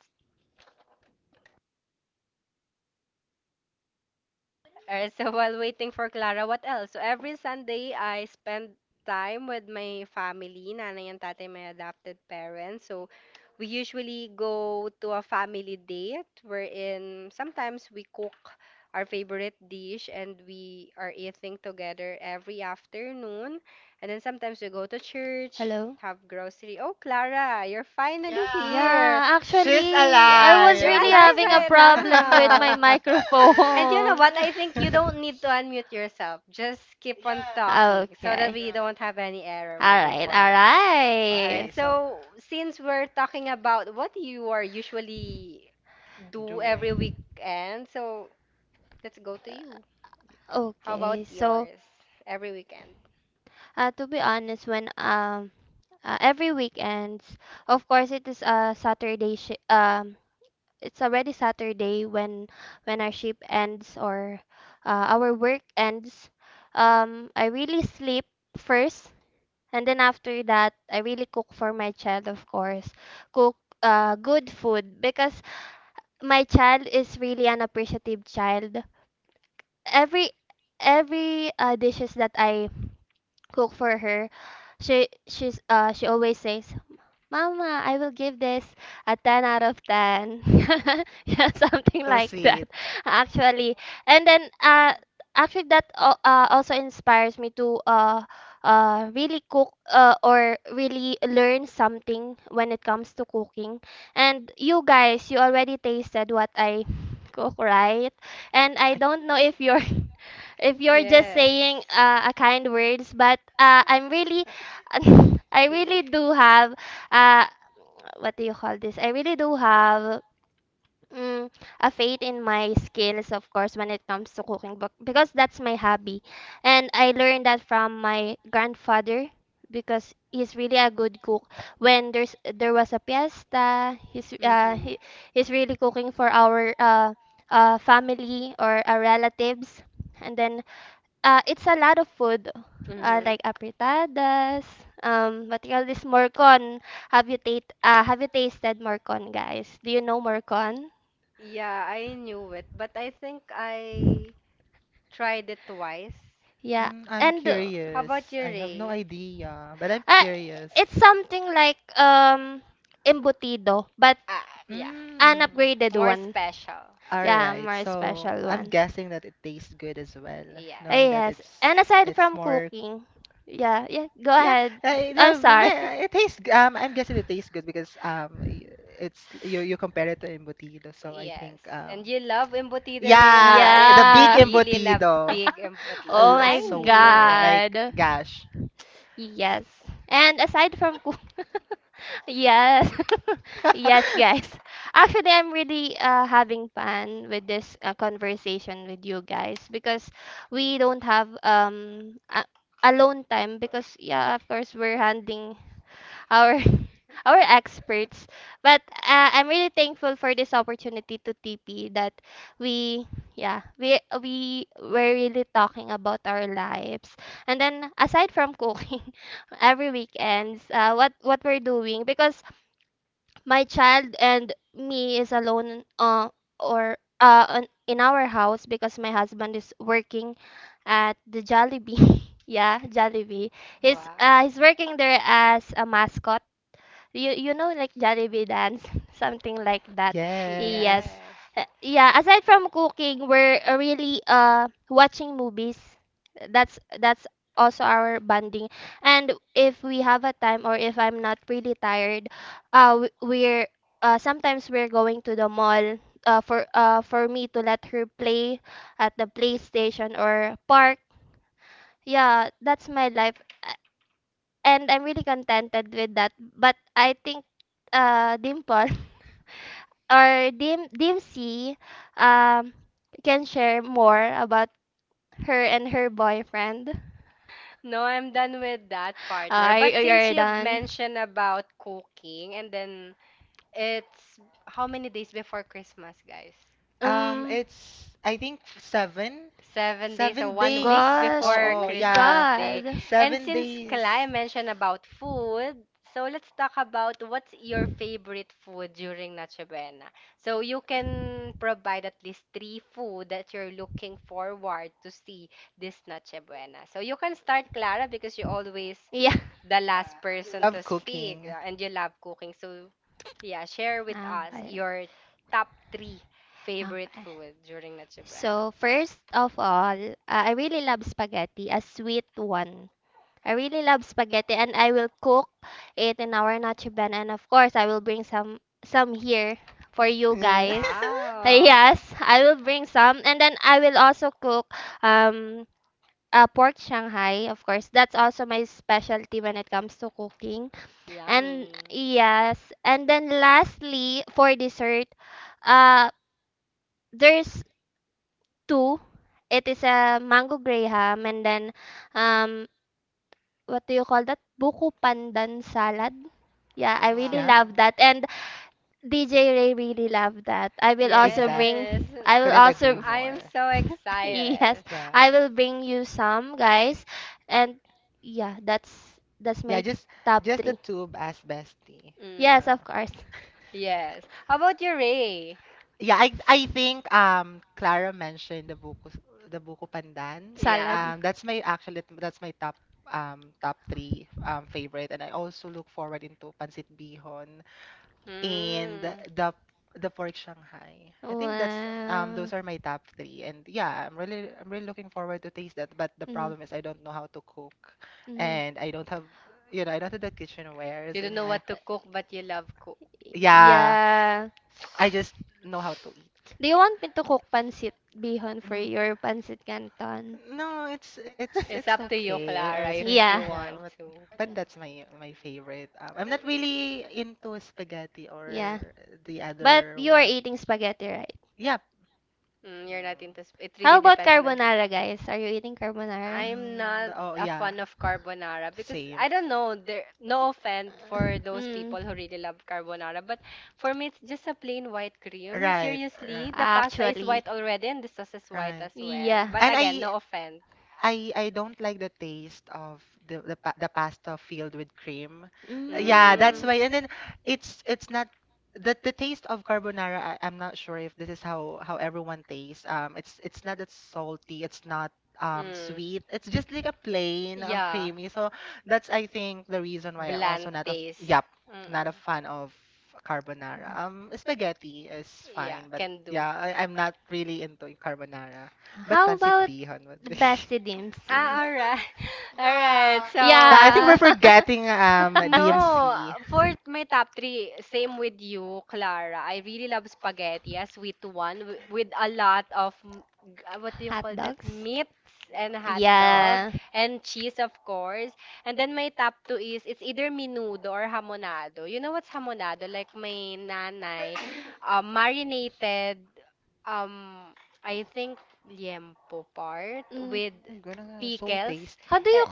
Speaker 2: Alright, so while waiting for Clara, what else? So every Sunday, I spend time with my family, nanay and tatay, my adopted parents. So we usually go to a family date wherein sometimes we cook our favorite dish, and we are eating together every afternoon. And then sometimes we go to church, have grocery. Oh, Clara, you're finally here.
Speaker 1: She's
Speaker 2: You're
Speaker 1: alive.
Speaker 2: alive
Speaker 1: She's ba?
Speaker 2: right now. And you know what? I think you don't need to unmute yourself. Just keep on talking so that we don't have any error moving forward.
Speaker 1: Yeah.
Speaker 2: All right.
Speaker 1: Okay, so
Speaker 2: So, since we're talking about what you are usually do
Speaker 1: doing
Speaker 2: every weekend, so let's go to you. How about yours? Every weekend.
Speaker 1: so sweet.
Speaker 2: Yes. Yeah. Mm, a fade in my skills, of course, when it comes to cooking, but because that's my hobby. And I learned that from my grandfather because he's really a good cook. When there's there was a fiesta, he's uh, mm-hmm, he's really cooking for our uh, uh, family or our relatives. And then uh, it's a lot of food, uh, mm-hmm, like afritadas. Um, what else is morcon? Have you, ta- uh, have you tasted morcon, guys? Do you know morcon? Yeah, I knew it, but I think I tried it twice.
Speaker 1: I, mm, I'm
Speaker 2: How
Speaker 1: curious.
Speaker 2: about you,
Speaker 1: I have no
Speaker 2: Ray?
Speaker 1: idea, but I'm curious.
Speaker 2: Ah, yeah.
Speaker 1: Mm.
Speaker 2: More special.
Speaker 1: All right. So I'm guessing that it tastes good as well,
Speaker 2: Yes.
Speaker 1: knowing that it's it's more. Yeah, uh, no, but may- it tastes. g- Um, I'm guessing it tastes good, because um, y- it's you, you compare it to embutido, so I
Speaker 2: Yes.
Speaker 1: think um,
Speaker 2: And you love embutido, Ray,
Speaker 1: yeah,
Speaker 2: right?
Speaker 1: the
Speaker 2: You
Speaker 1: big
Speaker 2: really love
Speaker 1: embutido,
Speaker 2: big embutido.
Speaker 1: uh,
Speaker 2: I knew
Speaker 1: super.
Speaker 2: it.
Speaker 1: Like, gosh.
Speaker 2: Yes. And aside from this, wow, uh, he's working there.
Speaker 1: Yes.
Speaker 2: Yes. Yeah, aside from cooking, we're, no, I'm done with that, partner. But since you, okay, mentioned about cooking, and then it's, how many days before Christmas, guys?
Speaker 1: Um, it's I think seven,
Speaker 2: Seven days, so
Speaker 1: seven
Speaker 2: one
Speaker 1: days.
Speaker 2: week
Speaker 1: Oh,
Speaker 2: before
Speaker 1: oh,
Speaker 2: Christmas
Speaker 1: yeah,
Speaker 2: Day. And
Speaker 1: seven
Speaker 2: since
Speaker 1: days
Speaker 2: Kalai mentioned about food, so let's talk about what's your favorite food during Noche Buena. So you can provide at least three food that you're looking forward to see this Noche Buena. So you can start, Clara, because you always the last person to
Speaker 1: of
Speaker 2: speak,
Speaker 1: cooking.
Speaker 2: yeah, and you love cooking. So yeah, share with us your top three favorite food during Noche Buena. Uh,
Speaker 1: Mm.
Speaker 2: wow, yes, I will bring some, and then I will also comes to cooking. Yummy, yeah, really. Wow.
Speaker 1: Yeah,
Speaker 2: Yes.
Speaker 1: exactly.
Speaker 2: And
Speaker 1: Couldn't agree
Speaker 2: I I am
Speaker 1: more.
Speaker 2: so, yes, excited.
Speaker 1: Yeah,
Speaker 2: I will bring you some, guys, and yeah, that's
Speaker 1: yeah,
Speaker 2: that's
Speaker 1: just just the tube as bestie.
Speaker 2: mm. Yes,
Speaker 1: Uh,
Speaker 2: of course. Yes. How about your, Ray?
Speaker 1: Yeah, I I think um Clara mentioned the Buko the Buko Pandan.
Speaker 2: Yeah.
Speaker 1: Um that's my actually that's my
Speaker 2: Two.
Speaker 1: top um top three um favorite, and I also look forward into Pancit Bihon and
Speaker 2: Mm.
Speaker 1: the the pork Shanghai. I think that's um those are my top three. And yeah, I'm really I'm really looking forward to taste that, but the problem is I don't know how to cook, and I don't have, you know, I don't have the
Speaker 2: You
Speaker 1: kitchenwares
Speaker 2: don't
Speaker 1: in
Speaker 2: know
Speaker 1: my,
Speaker 2: what to cook, but you love cook. Cook.
Speaker 1: yeah, I just know how to eat.
Speaker 2: Do you want to cook pancit bihon for
Speaker 1: Mm.
Speaker 2: your pancit canton?
Speaker 1: No, it's it's it's
Speaker 2: It's up to you,
Speaker 1: okay. Uh, it's
Speaker 2: Clara,
Speaker 1: re
Speaker 2: if you, yeah,
Speaker 1: Yeah,
Speaker 2: want
Speaker 1: but
Speaker 2: to.
Speaker 1: but that's my my favorite. Um, I'm not really into spaghetti or the other
Speaker 2: Were
Speaker 1: one.
Speaker 2: eating spaghetti, right?
Speaker 1: Yeah.
Speaker 2: Mm, you're not into. Sp- it
Speaker 1: Mm.
Speaker 2: really depends on us. I'm
Speaker 1: Mm,
Speaker 2: not
Speaker 1: the- oh
Speaker 2: a
Speaker 1: yeah,
Speaker 2: fan of carbonara because
Speaker 1: same.
Speaker 2: I don't know. There, no offense for those people who really love carbonara, but for me, it's just a plain white cream.
Speaker 1: Right. Right.
Speaker 2: Seriously, the pasta is white already and the sauce is white
Speaker 1: Right.
Speaker 2: as well. But
Speaker 1: And
Speaker 2: again,
Speaker 1: I
Speaker 2: no offense.
Speaker 1: I I don't like the taste of the the, pa- the pasta filled with cream. Uh, Yeah, that's
Speaker 2: Mm.
Speaker 1: why. And then it's it's not the the taste of carbonara. I, I'm not sure if this is how how everyone tastes. Um, it's it's not that salty. It's not um
Speaker 2: Mm.
Speaker 1: sweet. It's just like a plain um
Speaker 2: Yeah.
Speaker 1: creamy. So that's I think the reason why I'm
Speaker 2: Bland
Speaker 1: also not a,
Speaker 2: taste.
Speaker 1: yeah, not
Speaker 2: Mm-mm.
Speaker 1: a fan of carbonara. Um, spaghetti is
Speaker 2: Yeah,
Speaker 1: fine, but
Speaker 2: can do.
Speaker 1: yeah, I, I'm not really into carbonara. But pancit bihon would be.
Speaker 2: Ah, all right. All right.
Speaker 1: Yeah, I
Speaker 2: So,
Speaker 1: think we're forgetting um
Speaker 2: no,
Speaker 1: D M C.
Speaker 2: for my top three, same with you, Clara. I really love spaghetti, a sweet one wi- with a lot of m- g- uh, what do you call that? Meats and hot
Speaker 1: Yep.
Speaker 2: dog, yeah, and cheese, of course. And then my top two is, it's either menudo or hamonado. You know what's hamonado? Like my nanay, um, marinated, um, I think liempo part with
Speaker 1: Oh, gonna- so
Speaker 2: pickles.
Speaker 1: tasty.
Speaker 2: Eh,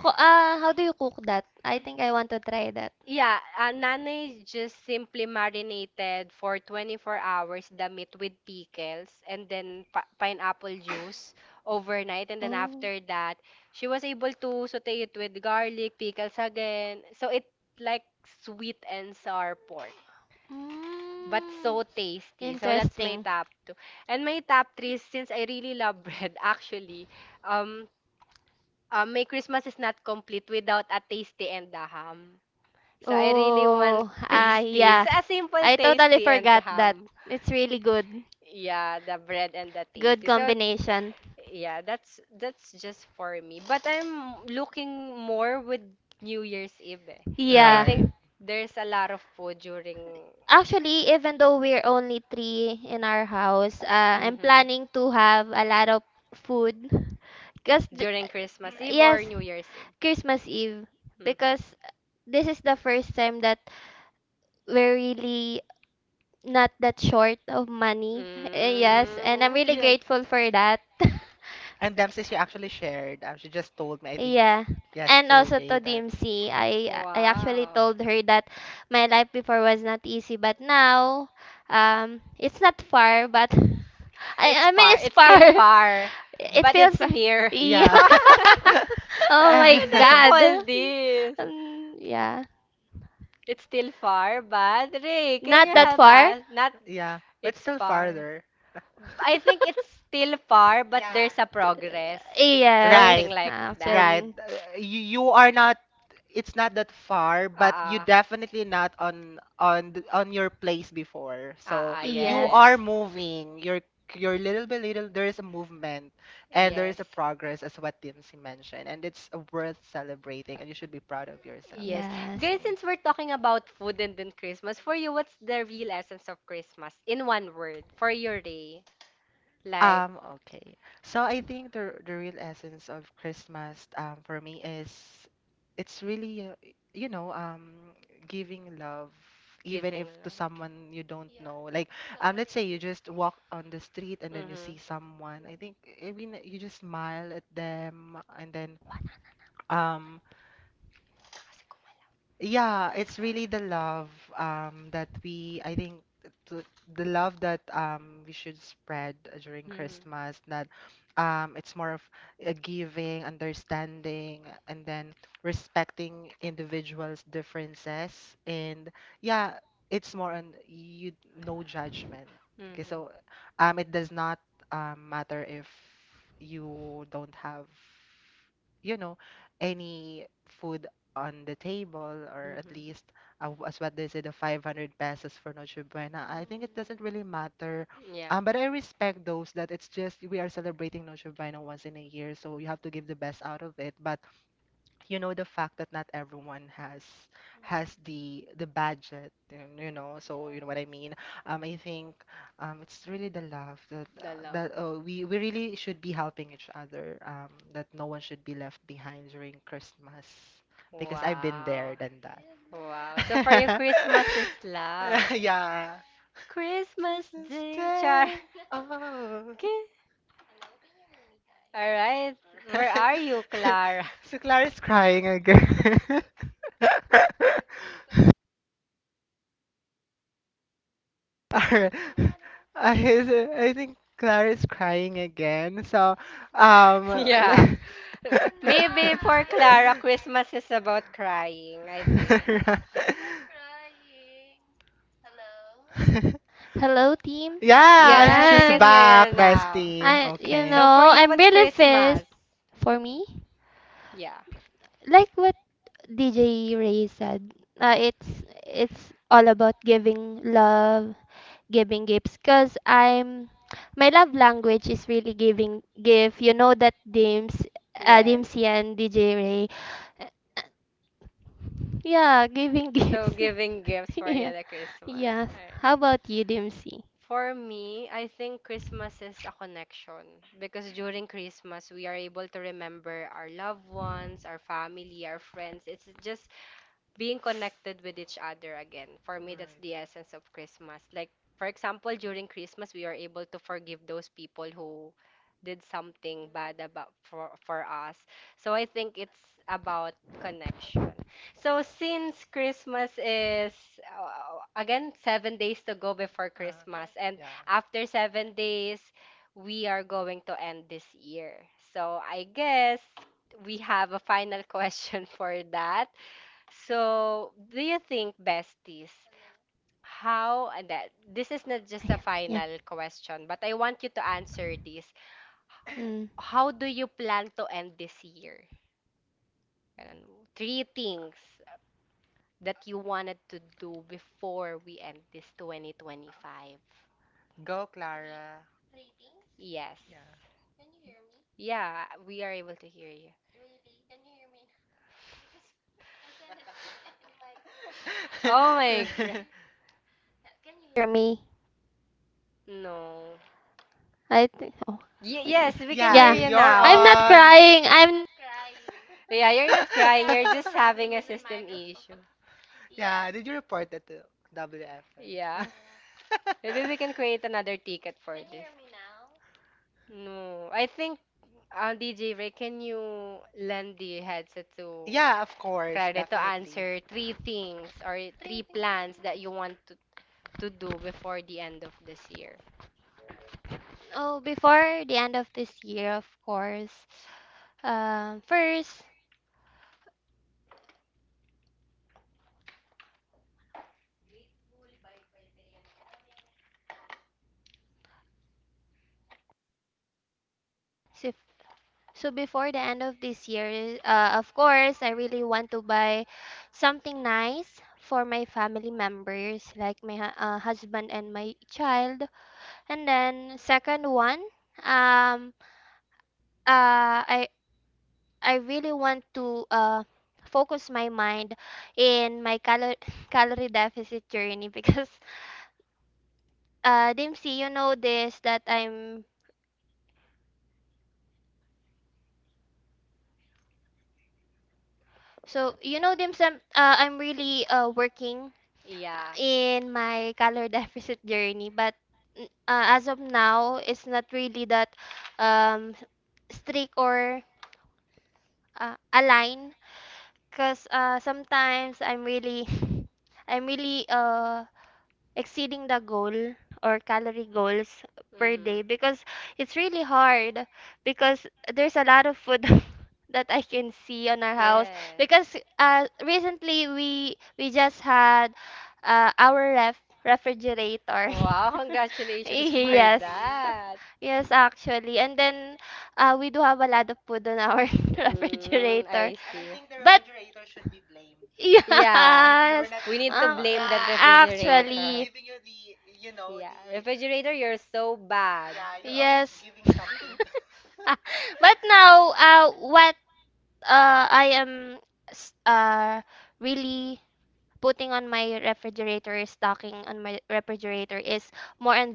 Speaker 2: yeah, uh, nanay just simply marinated for twenty-four hours the meat with pickles, and then pi pineapple juice overnight. And then after that, she was able to saute it with garlic, pickles again. So it like sweet and sour pork, but so tasty. So that's my top two. And my top three, since I really love bread, actually, um, um, my Christmas is not complete without a tasty and a ham. So I really want tasty. So a simple tasty and ham. Yeah, the bread and the tasty. So yeah, that's that's just for me. But I'm looking more with New Year's Eve. Eh. I think
Speaker 1: Right.
Speaker 2: there's a lot of food during, mhm, during Christmas Eve or New Year's Eve. Mhm. Mm.
Speaker 1: Yeah. And Dempsey, she actually shared. Um, she just told me, I think, yesterday that.
Speaker 2: Wow. It's far. It's still far, but it's
Speaker 1: Uh,
Speaker 2: near.
Speaker 1: yeah.
Speaker 2: What
Speaker 1: Okay, Eh,
Speaker 2: the heck all this? It's still far, but Ray, can you
Speaker 1: But
Speaker 2: help us? Not
Speaker 1: yeah, but
Speaker 2: it's
Speaker 1: still
Speaker 2: far.
Speaker 1: farther.
Speaker 2: I think it's still far, but there's a progress. Something
Speaker 1: Right.
Speaker 2: like that.
Speaker 1: Right. Uh, You you are not it's not that far, but you
Speaker 2: Ah, ah.
Speaker 1: definitely not on on th- on your place before. So
Speaker 2: Ah, ah,
Speaker 1: you
Speaker 2: yes.
Speaker 1: are moving. You're you're little by little. There is a movement, and there
Speaker 2: Yes.
Speaker 1: is a progress, as what Dimsy mentioned, and it's worth celebrating, and you should be proud of yourself.
Speaker 2: Yes. Guys,
Speaker 1: Okay.
Speaker 2: since we're talking about food and then Christmas, for you, what's the real essence of Christmas? In one word, for your day. Like,
Speaker 1: Um, okay. So I think the the real essence of Christmas um for me is it's really, uh, you know um giving love, even
Speaker 2: giving
Speaker 1: if to
Speaker 2: love.
Speaker 1: someone you don't know. Like, um let's say you just walk on the street and then you
Speaker 2: Mhm.
Speaker 1: see someone. I think, I mean, you just smile at them. And then um yeah, it's really the love um that we I think th- the love that um we should spread during Christmas, that um it's more of a giving, understanding, and then respecting individuals' differences. And yeah, it's more on you no judgment. Okay,
Speaker 2: Mhm.
Speaker 1: so um it does not um matter if you don't have, you know, any food on the table, or at
Speaker 2: Mhm.
Speaker 1: least uh, w- as what they say, the five hundred pesos for Noche Buena. I think it doesn't really matter,
Speaker 2: Mhm. Yeah.
Speaker 1: um but I respect those, that it's just, we are celebrating Noche Buena once in a year, so you have to give the best out of it. But you know the fact that not everyone has has the the budget, and, you know, so you know what I mean. um I think um it's really the love that
Speaker 2: The
Speaker 1: uh,
Speaker 2: love.
Speaker 1: that uh, we we really should be helping each other, um that no one should be left behind during Christmas, because I've been
Speaker 2: Wow.
Speaker 1: there than that.
Speaker 2: Wow. So for you, Christmas is love.
Speaker 1: Yeah.
Speaker 2: Christmas
Speaker 1: Christmas
Speaker 2: Day, Char.
Speaker 1: Day. Oh.
Speaker 2: Okay. All right. Where are you, Clara?
Speaker 1: So Clara's crying again. Alright. I, is- I think Clara's crying again. So, um,
Speaker 2: Yeah.
Speaker 1: le-
Speaker 2: Maybe for Clara, Christmas is about crying, I think.
Speaker 1: yeah,
Speaker 2: Yes, I
Speaker 1: she's
Speaker 2: can hear you now.
Speaker 1: bestie. Okay.
Speaker 2: So for you, what's Christmas? Yeah.
Speaker 1: Like
Speaker 2: Like with D J Racing, uh, it's it's all about giving love, giving gifts. Cause I'm, my love language is really giving gift. You know that James, and yes, and D J Ray. Yeah, giving gifts. So giving gifts for you the Christmas. Yes. Alright. How about you, D M C? For me, I think Christmas is a connection because during Christmas we are able to remember our loved ones, our family, our friends. It's just being connected with each other again. For me, that's the essence of Christmas. Like, for example, during Christmas, we are able to forgive those people who did something bad about for for us. So I think it's about connection. So since Christmas is uh, again seven days to go before Christmas, and after seven
Speaker 1: days.
Speaker 2: days we are going to end this year. So I guess we have a final question for that. So, do you think, besties, how and that this is not just a final question, but I want you to answer this. How do you plan to end this year? Ganun. Three things that you wanted to do before we end this twenty twenty-five.
Speaker 1: Go, Three, Clara. Three
Speaker 2: Yes.
Speaker 1: things?
Speaker 2: Yeah, we are able to hear you.
Speaker 1: God.
Speaker 2: Oh
Speaker 1: Can
Speaker 2: my god.
Speaker 1: you hear me?
Speaker 2: No. Y- yes, we
Speaker 1: Really,
Speaker 2: can
Speaker 1: yeah, y-
Speaker 2: hear
Speaker 1: because
Speaker 2: you
Speaker 1: you're I'm not
Speaker 2: now.
Speaker 1: on. Crying.
Speaker 2: Yeah, you're not crying,
Speaker 1: I'm
Speaker 2: you're
Speaker 1: not
Speaker 2: just
Speaker 1: crying.
Speaker 2: having a system issue.
Speaker 1: Yeah, yes. Did you report that to W F M? Yeah.
Speaker 2: Yeah.
Speaker 1: I
Speaker 2: Maybe we can create another ticket for this.
Speaker 1: hear me now?
Speaker 2: No, I think uh, D J Ray, can you lend the headset to
Speaker 1: Yeah, of course.
Speaker 2: Claire to answer three things or three plans that you want to, to do before the end of this year?
Speaker 1: Oh, before the end of this year, of course. Um, first, so, so before the end of this year, uh, of course, I really want to buy something nice for my family members, like my hu- uh, husband and my child. And then, second one, um, uh, I I really want to uh, focus my mind in my calor- calorie deficit journey because uh, Dimsy, you know this that I'm, so you know Dimsy, I'm, uh, I'm really uh, working uh,
Speaker 2: Yeah. Mhm.
Speaker 1: in my calorie deficit journey, but n- uh, as of now, it's not really that um, strict or uh, aligned, because uh, sometimes I'm really I'm really uh exceeding the goal or calorie goals per day, because it's really hard, because there's a lot of food that I can see on our house, because uh recently we we
Speaker 2: Yes.
Speaker 1: just had uh
Speaker 2: Uh, our
Speaker 1: our ref
Speaker 2: ref- refrigerator.
Speaker 1: refrigerator.
Speaker 2: Wow, congratulations for, yes,
Speaker 1: Yes.
Speaker 2: that.
Speaker 1: Yes, actually. And then uh we do have a lot of food on our refrigerator,
Speaker 2: Mm, I see.
Speaker 1: but yeah.
Speaker 2: Yeah.
Speaker 1: Yes.
Speaker 2: We need to blame that refrigerator.
Speaker 1: Actually.
Speaker 2: Yeah, refrigerator, you're so bad.
Speaker 1: Yes.
Speaker 2: But
Speaker 1: But now, uh, what uh, I am, s- uh, really
Speaker 2: putting
Speaker 1: putting
Speaker 2: on,
Speaker 1: on my refrigerator,
Speaker 2: knocking
Speaker 1: stocking
Speaker 2: on
Speaker 1: on
Speaker 2: my
Speaker 1: my refrigerator is more on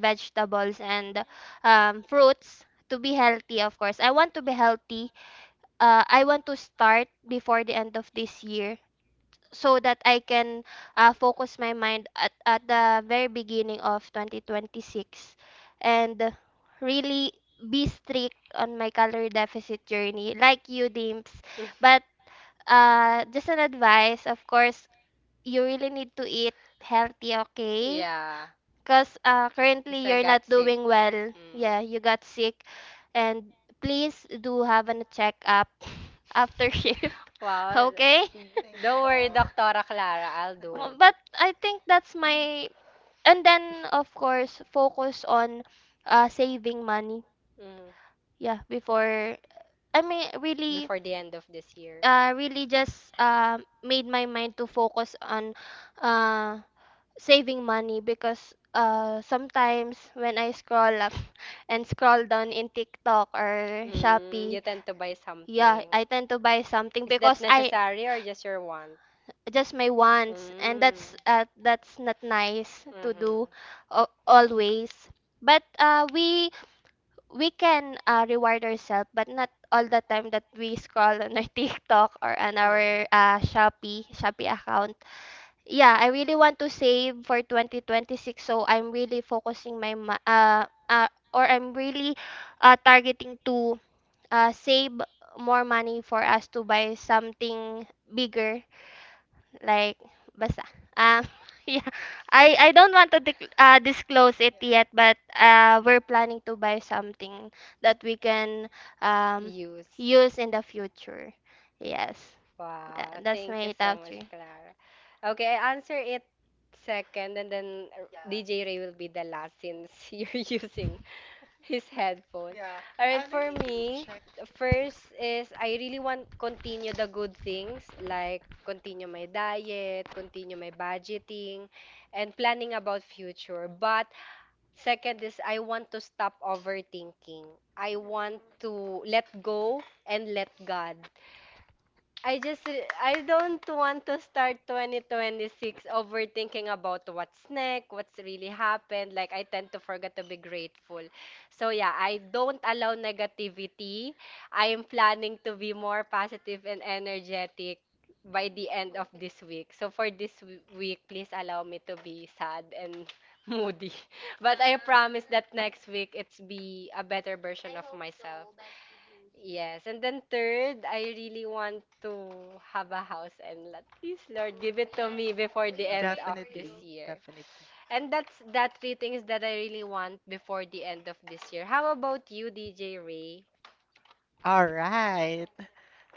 Speaker 2: doors
Speaker 1: vegetables
Speaker 2: and
Speaker 1: and, um, fruits, to be healthy. Of course, I want to be healthy. Uh, I want to start before the end of this year so that I can uh, focus my mind at, at the very beginning of twenty twenty-six and really be strict on my calorie deficit journey like you dimps.
Speaker 2: mm,
Speaker 1: But
Speaker 2: but
Speaker 1: uh, just an advice, of course, you really need to eat
Speaker 2: it
Speaker 1: healthy,
Speaker 2: helped me.
Speaker 1: okay?
Speaker 2: Yeah,
Speaker 1: Because uh, currently
Speaker 2: because I get
Speaker 1: you're
Speaker 2: got
Speaker 1: not
Speaker 2: better.
Speaker 1: doing well, yeah, you
Speaker 2: Mm.
Speaker 1: got sick. And please do have a checkup after shift.
Speaker 2: Wow.
Speaker 1: Okay? Thank you, Dot.
Speaker 2: Doctora Clara. I'll do
Speaker 1: Um,
Speaker 2: that. But
Speaker 1: But
Speaker 2: I
Speaker 1: I
Speaker 2: think
Speaker 1: think
Speaker 2: that's
Speaker 1: that's
Speaker 2: my,
Speaker 1: my,
Speaker 2: and
Speaker 1: and
Speaker 2: then
Speaker 1: then
Speaker 2: of
Speaker 1: of
Speaker 2: course
Speaker 1: course
Speaker 2: focus
Speaker 1: focus
Speaker 2: on
Speaker 1: on
Speaker 2: uh,
Speaker 1: uh
Speaker 2: saving
Speaker 1: saving
Speaker 2: money.
Speaker 1: money.
Speaker 2: Mm. Yeah,
Speaker 1: Yeah,
Speaker 2: before,
Speaker 1: before,
Speaker 2: I
Speaker 1: I
Speaker 2: mean
Speaker 1: mean,
Speaker 2: really,
Speaker 1: really
Speaker 2: before the end of this year, uh,
Speaker 1: uh really
Speaker 2: really just
Speaker 1: just uh
Speaker 2: um
Speaker 1: made
Speaker 2: made my
Speaker 1: my
Speaker 2: mind
Speaker 1: mind
Speaker 2: to
Speaker 1: to
Speaker 2: focus
Speaker 1: focus
Speaker 2: on
Speaker 1: on
Speaker 2: uh,
Speaker 1: uh
Speaker 2: saving
Speaker 1: saving
Speaker 2: money
Speaker 1: money.
Speaker 2: because
Speaker 1: Because
Speaker 2: uh,
Speaker 1: uh
Speaker 2: sometimes
Speaker 1: sometimes
Speaker 2: when
Speaker 1: when
Speaker 2: I
Speaker 1: I
Speaker 2: scroll
Speaker 1: scroll up
Speaker 2: up and
Speaker 1: and
Speaker 2: scroll
Speaker 1: scroll
Speaker 2: down
Speaker 1: down
Speaker 2: in
Speaker 1: in TikTok
Speaker 2: TikTok or,
Speaker 1: or
Speaker 2: mm, something, you tend to buy, yeah,
Speaker 1: Shopee,
Speaker 2: something. I
Speaker 1: I
Speaker 2: tend
Speaker 1: tend to
Speaker 2: to buy
Speaker 1: buy
Speaker 2: something.
Speaker 1: something
Speaker 2: Is that because
Speaker 1: because
Speaker 2: I
Speaker 1: I
Speaker 2: necessary or just your want?
Speaker 1: just
Speaker 2: Just my
Speaker 1: my
Speaker 2: wants,
Speaker 1: want.
Speaker 2: and
Speaker 1: That's
Speaker 2: that's, mm, uh,
Speaker 1: uh
Speaker 2: that's
Speaker 1: that's
Speaker 2: not
Speaker 1: not
Speaker 2: nice to
Speaker 1: nice.
Speaker 2: do. Mm-hmm.
Speaker 1: Do uh,
Speaker 2: uh, always.
Speaker 1: always.
Speaker 2: But
Speaker 1: But
Speaker 2: uh,
Speaker 1: uh,
Speaker 2: we
Speaker 1: we we
Speaker 2: we can
Speaker 1: can uh,
Speaker 2: uh,
Speaker 1: reward
Speaker 2: reward
Speaker 1: ourselves,
Speaker 2: ourselves,
Speaker 1: but
Speaker 2: but
Speaker 1: not
Speaker 2: not
Speaker 1: all
Speaker 2: all
Speaker 1: the
Speaker 2: the time
Speaker 1: time that
Speaker 2: that we
Speaker 1: we
Speaker 2: scroll
Speaker 1: scroll on
Speaker 2: on
Speaker 1: our
Speaker 2: our TikTok
Speaker 1: TikTok or
Speaker 2: or
Speaker 1: on
Speaker 2: on our,
Speaker 1: our
Speaker 2: mm-hmm,
Speaker 1: uh,
Speaker 2: uh, Shopee
Speaker 1: Shopee Shopee
Speaker 2: Shopee account.
Speaker 1: account.
Speaker 2: Yeah,
Speaker 1: Yeah, I
Speaker 2: I
Speaker 1: really
Speaker 2: really want
Speaker 1: want to
Speaker 2: to save
Speaker 1: save
Speaker 2: for
Speaker 1: for
Speaker 2: twenty twenty-six.
Speaker 1: twenty twenty-six,
Speaker 2: So
Speaker 1: so
Speaker 2: I'm
Speaker 1: I'm
Speaker 2: really
Speaker 1: really
Speaker 2: focusing
Speaker 1: focusing
Speaker 2: my
Speaker 1: my
Speaker 2: ma-
Speaker 1: ma-
Speaker 2: uh,
Speaker 1: uh, uh
Speaker 2: uh or
Speaker 1: or
Speaker 2: I'm
Speaker 1: I'm really
Speaker 2: really
Speaker 1: uh,
Speaker 2: uh, targeting
Speaker 1: targeting
Speaker 2: to
Speaker 1: to uh,
Speaker 2: uh,
Speaker 1: save
Speaker 2: save
Speaker 1: more
Speaker 2: more
Speaker 1: money
Speaker 2: money
Speaker 1: for
Speaker 2: for
Speaker 1: us
Speaker 2: us
Speaker 1: to
Speaker 2: to
Speaker 1: buy
Speaker 2: buy something
Speaker 1: something bigger,
Speaker 2: bigger,
Speaker 1: like
Speaker 2: like
Speaker 1: basta.
Speaker 2: basta. Uh,
Speaker 1: Um,
Speaker 2: yeah.
Speaker 1: yeah,
Speaker 2: I
Speaker 1: I I
Speaker 2: I
Speaker 1: don't
Speaker 2: don't
Speaker 1: want
Speaker 2: want
Speaker 1: to
Speaker 2: to dis-
Speaker 1: dic- uh,
Speaker 2: uh,
Speaker 1: disclose
Speaker 2: disclose
Speaker 1: it
Speaker 2: it
Speaker 1: yet,
Speaker 2: yet,
Speaker 1: but
Speaker 2: but
Speaker 1: uh,
Speaker 2: uh,
Speaker 1: we're
Speaker 2: we're
Speaker 1: planning
Speaker 2: planning to
Speaker 1: to buy
Speaker 2: buy something
Speaker 1: something
Speaker 2: that
Speaker 1: that we
Speaker 2: we can
Speaker 1: can
Speaker 2: uh
Speaker 1: um
Speaker 2: use. Use
Speaker 1: use in
Speaker 2: in
Speaker 1: the
Speaker 2: the future.
Speaker 1: future. Yes,
Speaker 2: Yes.
Speaker 1: that,
Speaker 2: Wow,
Speaker 1: that's
Speaker 2: thank you
Speaker 1: my
Speaker 2: so
Speaker 1: top
Speaker 2: much,
Speaker 1: three.
Speaker 2: Clara. Okay, I answer it second, and then uh, D J Ray will be the last since you're using his headphone.
Speaker 1: Yeah,
Speaker 2: All right,
Speaker 1: and I
Speaker 2: for me,
Speaker 1: need.
Speaker 2: first is I really want continue the good things, like continue my diet, continue my budgeting, and planning about future. But second is I want to stop overthinking. I want to let go and let God. I just re- I don't want to start twenty twenty-six overthinking about what's next, what's really happened. Like, I tend to forget to be grateful. So yeah, I don't allow negativity. I am planning to be more positive and energetic by the end of this week. So for this w- week, please allow me to be sad and moody. But I promise that next week it's be a better version of myself. Yes, and then third, I really want to have a house and lot. Please, Lord, give it to me before the end of this
Speaker 1: Definitely,
Speaker 2: year.
Speaker 1: definitely.
Speaker 2: And that's that three things that I really want before the end of this year. How about you, D J Ray?
Speaker 1: All right.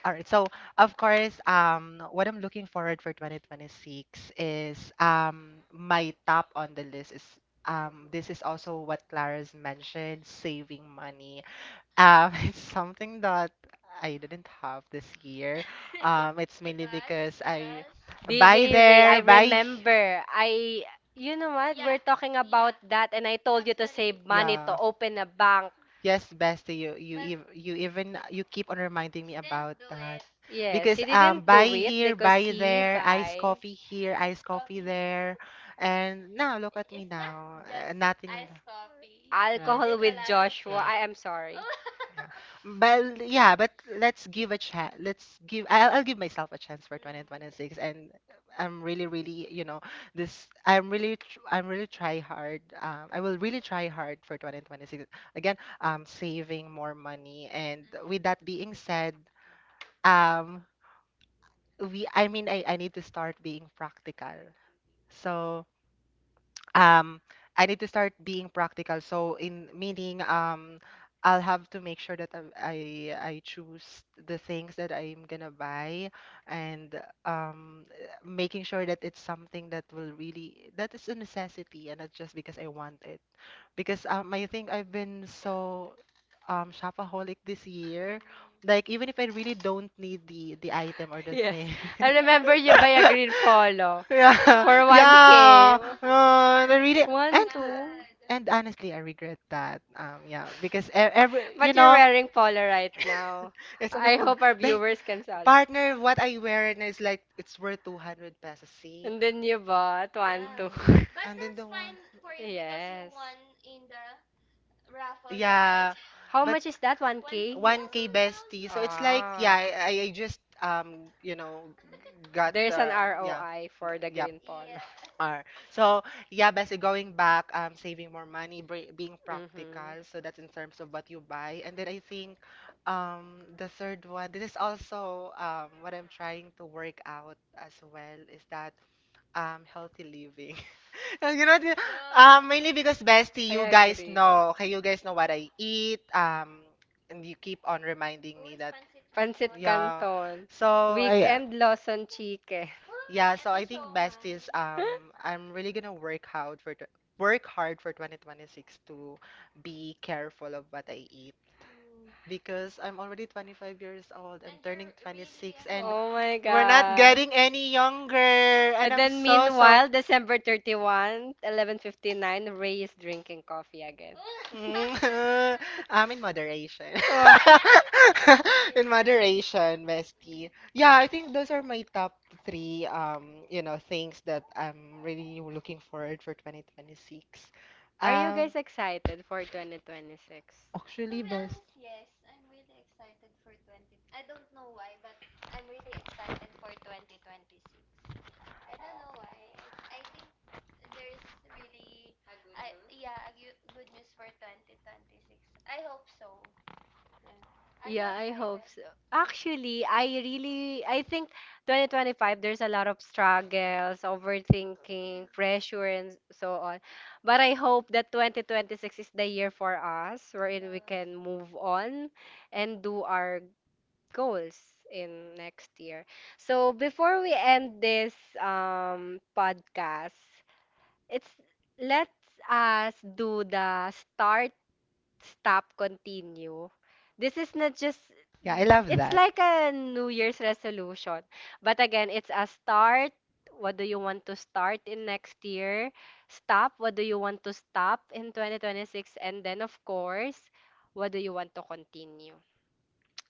Speaker 1: All right. So, of course, um, what I'm looking forward for twenty twenty-six is um my top on the list is um this is also what Clara's mentioned, saving money. Um, it's something that I didn't have this year. Um, it's mainly because I. Because
Speaker 2: D J
Speaker 1: buy
Speaker 2: Ray, I
Speaker 1: there, buy.
Speaker 2: remember. I, you know what? We're talking about that, and I told you to save money to
Speaker 1: Yeah.
Speaker 2: open a bank.
Speaker 1: Yes, bestie, you you ev- you even you keep on reminding me about that. Yes,
Speaker 2: Yes,
Speaker 1: because
Speaker 2: he
Speaker 1: um
Speaker 2: didn't
Speaker 1: buy
Speaker 2: do it
Speaker 1: here,
Speaker 2: because
Speaker 1: buy
Speaker 2: he
Speaker 1: there, iced, yes,
Speaker 2: buy
Speaker 1: coffee here, iced coffee there. And now look at me now, uh, nothing, iced coffee. You right?
Speaker 2: alcohol with Joshua.
Speaker 1: Yeah.
Speaker 2: I am sorry.
Speaker 1: Yeah. But yeah, but let's give a chance. Let's give I'll, I'll give myself a chance for Mm, twenty twenty-six. And I'm really, really, you know, this I'm really tr- I'm really try hard. Um, I will really try hard for twenty twenty-six. Again, um, saving more money. And with that being said, um, we I mean I, I need to start being practical. So um I need to start being practical. So in meaning, um I'll have to make sure that I I I choose the things that I'm gonna buy. And um making sure that it's something that will really, that is a necessity and not just because I want it. Because um, I think I've been so um shopaholic this year. Like even if I really don't need the the item or the
Speaker 2: Yes,
Speaker 1: thing.
Speaker 2: I remember you buy a green polo
Speaker 1: Yeah,
Speaker 2: for one K.
Speaker 1: yeah. Uh, I really.
Speaker 2: One,
Speaker 1: and
Speaker 2: two.
Speaker 1: and honestly, I regret that. Um, yeah, because e- every, you
Speaker 2: But you're
Speaker 1: know,
Speaker 2: wearing polo right now.
Speaker 1: it's only
Speaker 2: I
Speaker 1: two.
Speaker 2: hope our
Speaker 1: Ba-
Speaker 2: viewers can saw.
Speaker 1: partner, what I wear, and it's like it's worth two hundred pesos. See.
Speaker 2: And then you bought one, two.
Speaker 1: Mm, and then the one
Speaker 2: Yes.
Speaker 1: one in the raffle, right? Yeah,
Speaker 2: How
Speaker 1: but
Speaker 2: is that? one K?
Speaker 1: one K? one K, bestie. So it's like, yeah, I, I I just um, you know, got the. Yeah,
Speaker 2: R O I for the
Speaker 1: yep.
Speaker 2: polo.
Speaker 1: Are. So yeah, basically going back, um, saving more money, bri- being practical. So
Speaker 2: Mm-hmm.
Speaker 1: that's in terms of what you buy. And then I think, um, the third one. This is also um what I'm trying to work out as well is that um healthy living. you know, the- um, mainly because, bestie, you guys know. Okay, you guys know what I eat. Um, and you keep on reminding me that.
Speaker 2: Pancit, yeah, Canton,
Speaker 1: Yeah.
Speaker 2: so like
Speaker 1: So I. uh,
Speaker 2: Weekend Lawson Chicken.
Speaker 1: Yeah, so I think, besties. Um, I'm really gonna work hard for tw- work hard for twenty twenty-six to be careful of what I eat because I'm already twenty-five years old. I'm turning twenty-six and
Speaker 2: Oh my
Speaker 1: we're not
Speaker 2: god.
Speaker 1: getting any younger. And
Speaker 2: And
Speaker 1: I'm
Speaker 2: then so
Speaker 1: so, so.
Speaker 2: meanwhile, December thirty one, eleven fifty-nine, Ray is drinking coffee again.
Speaker 1: Mm, I'm in moderation.
Speaker 2: Oh.
Speaker 1: In moderation, bestie. Yeah, I think those are my top three um, you know, things that I'm really looking forward for twenty twenty-six.
Speaker 2: Are you, um,
Speaker 1: Um,
Speaker 2: guys excited for twenty twenty-six?
Speaker 1: actually, best.
Speaker 2: Honest, yes. I'm really excited for twenty. I don't know why, but I'm really excited for twenty twenty-six. I don't know why. I think there's really, I yeah, a gu- good news for twenty twenty-six. I hope so. Yeah, I hope so. Actually, I really, I think twenty twenty-five, there's a lot of struggles, overthinking, pressure, and so on. But I hope that twenty twenty-six is the year for us wherein we can move on and do our goals in next year. So before we end this um podcast, it's, let's us do the start, stop, continue. This is not just,
Speaker 1: Yeah, I love
Speaker 2: it's
Speaker 1: that.
Speaker 2: like a New Year's resolution. But again, it's a start. What do you want to start in next year? Stop. What do you want to stop in twenty twenty-six? And then, of course, what do you want to continue?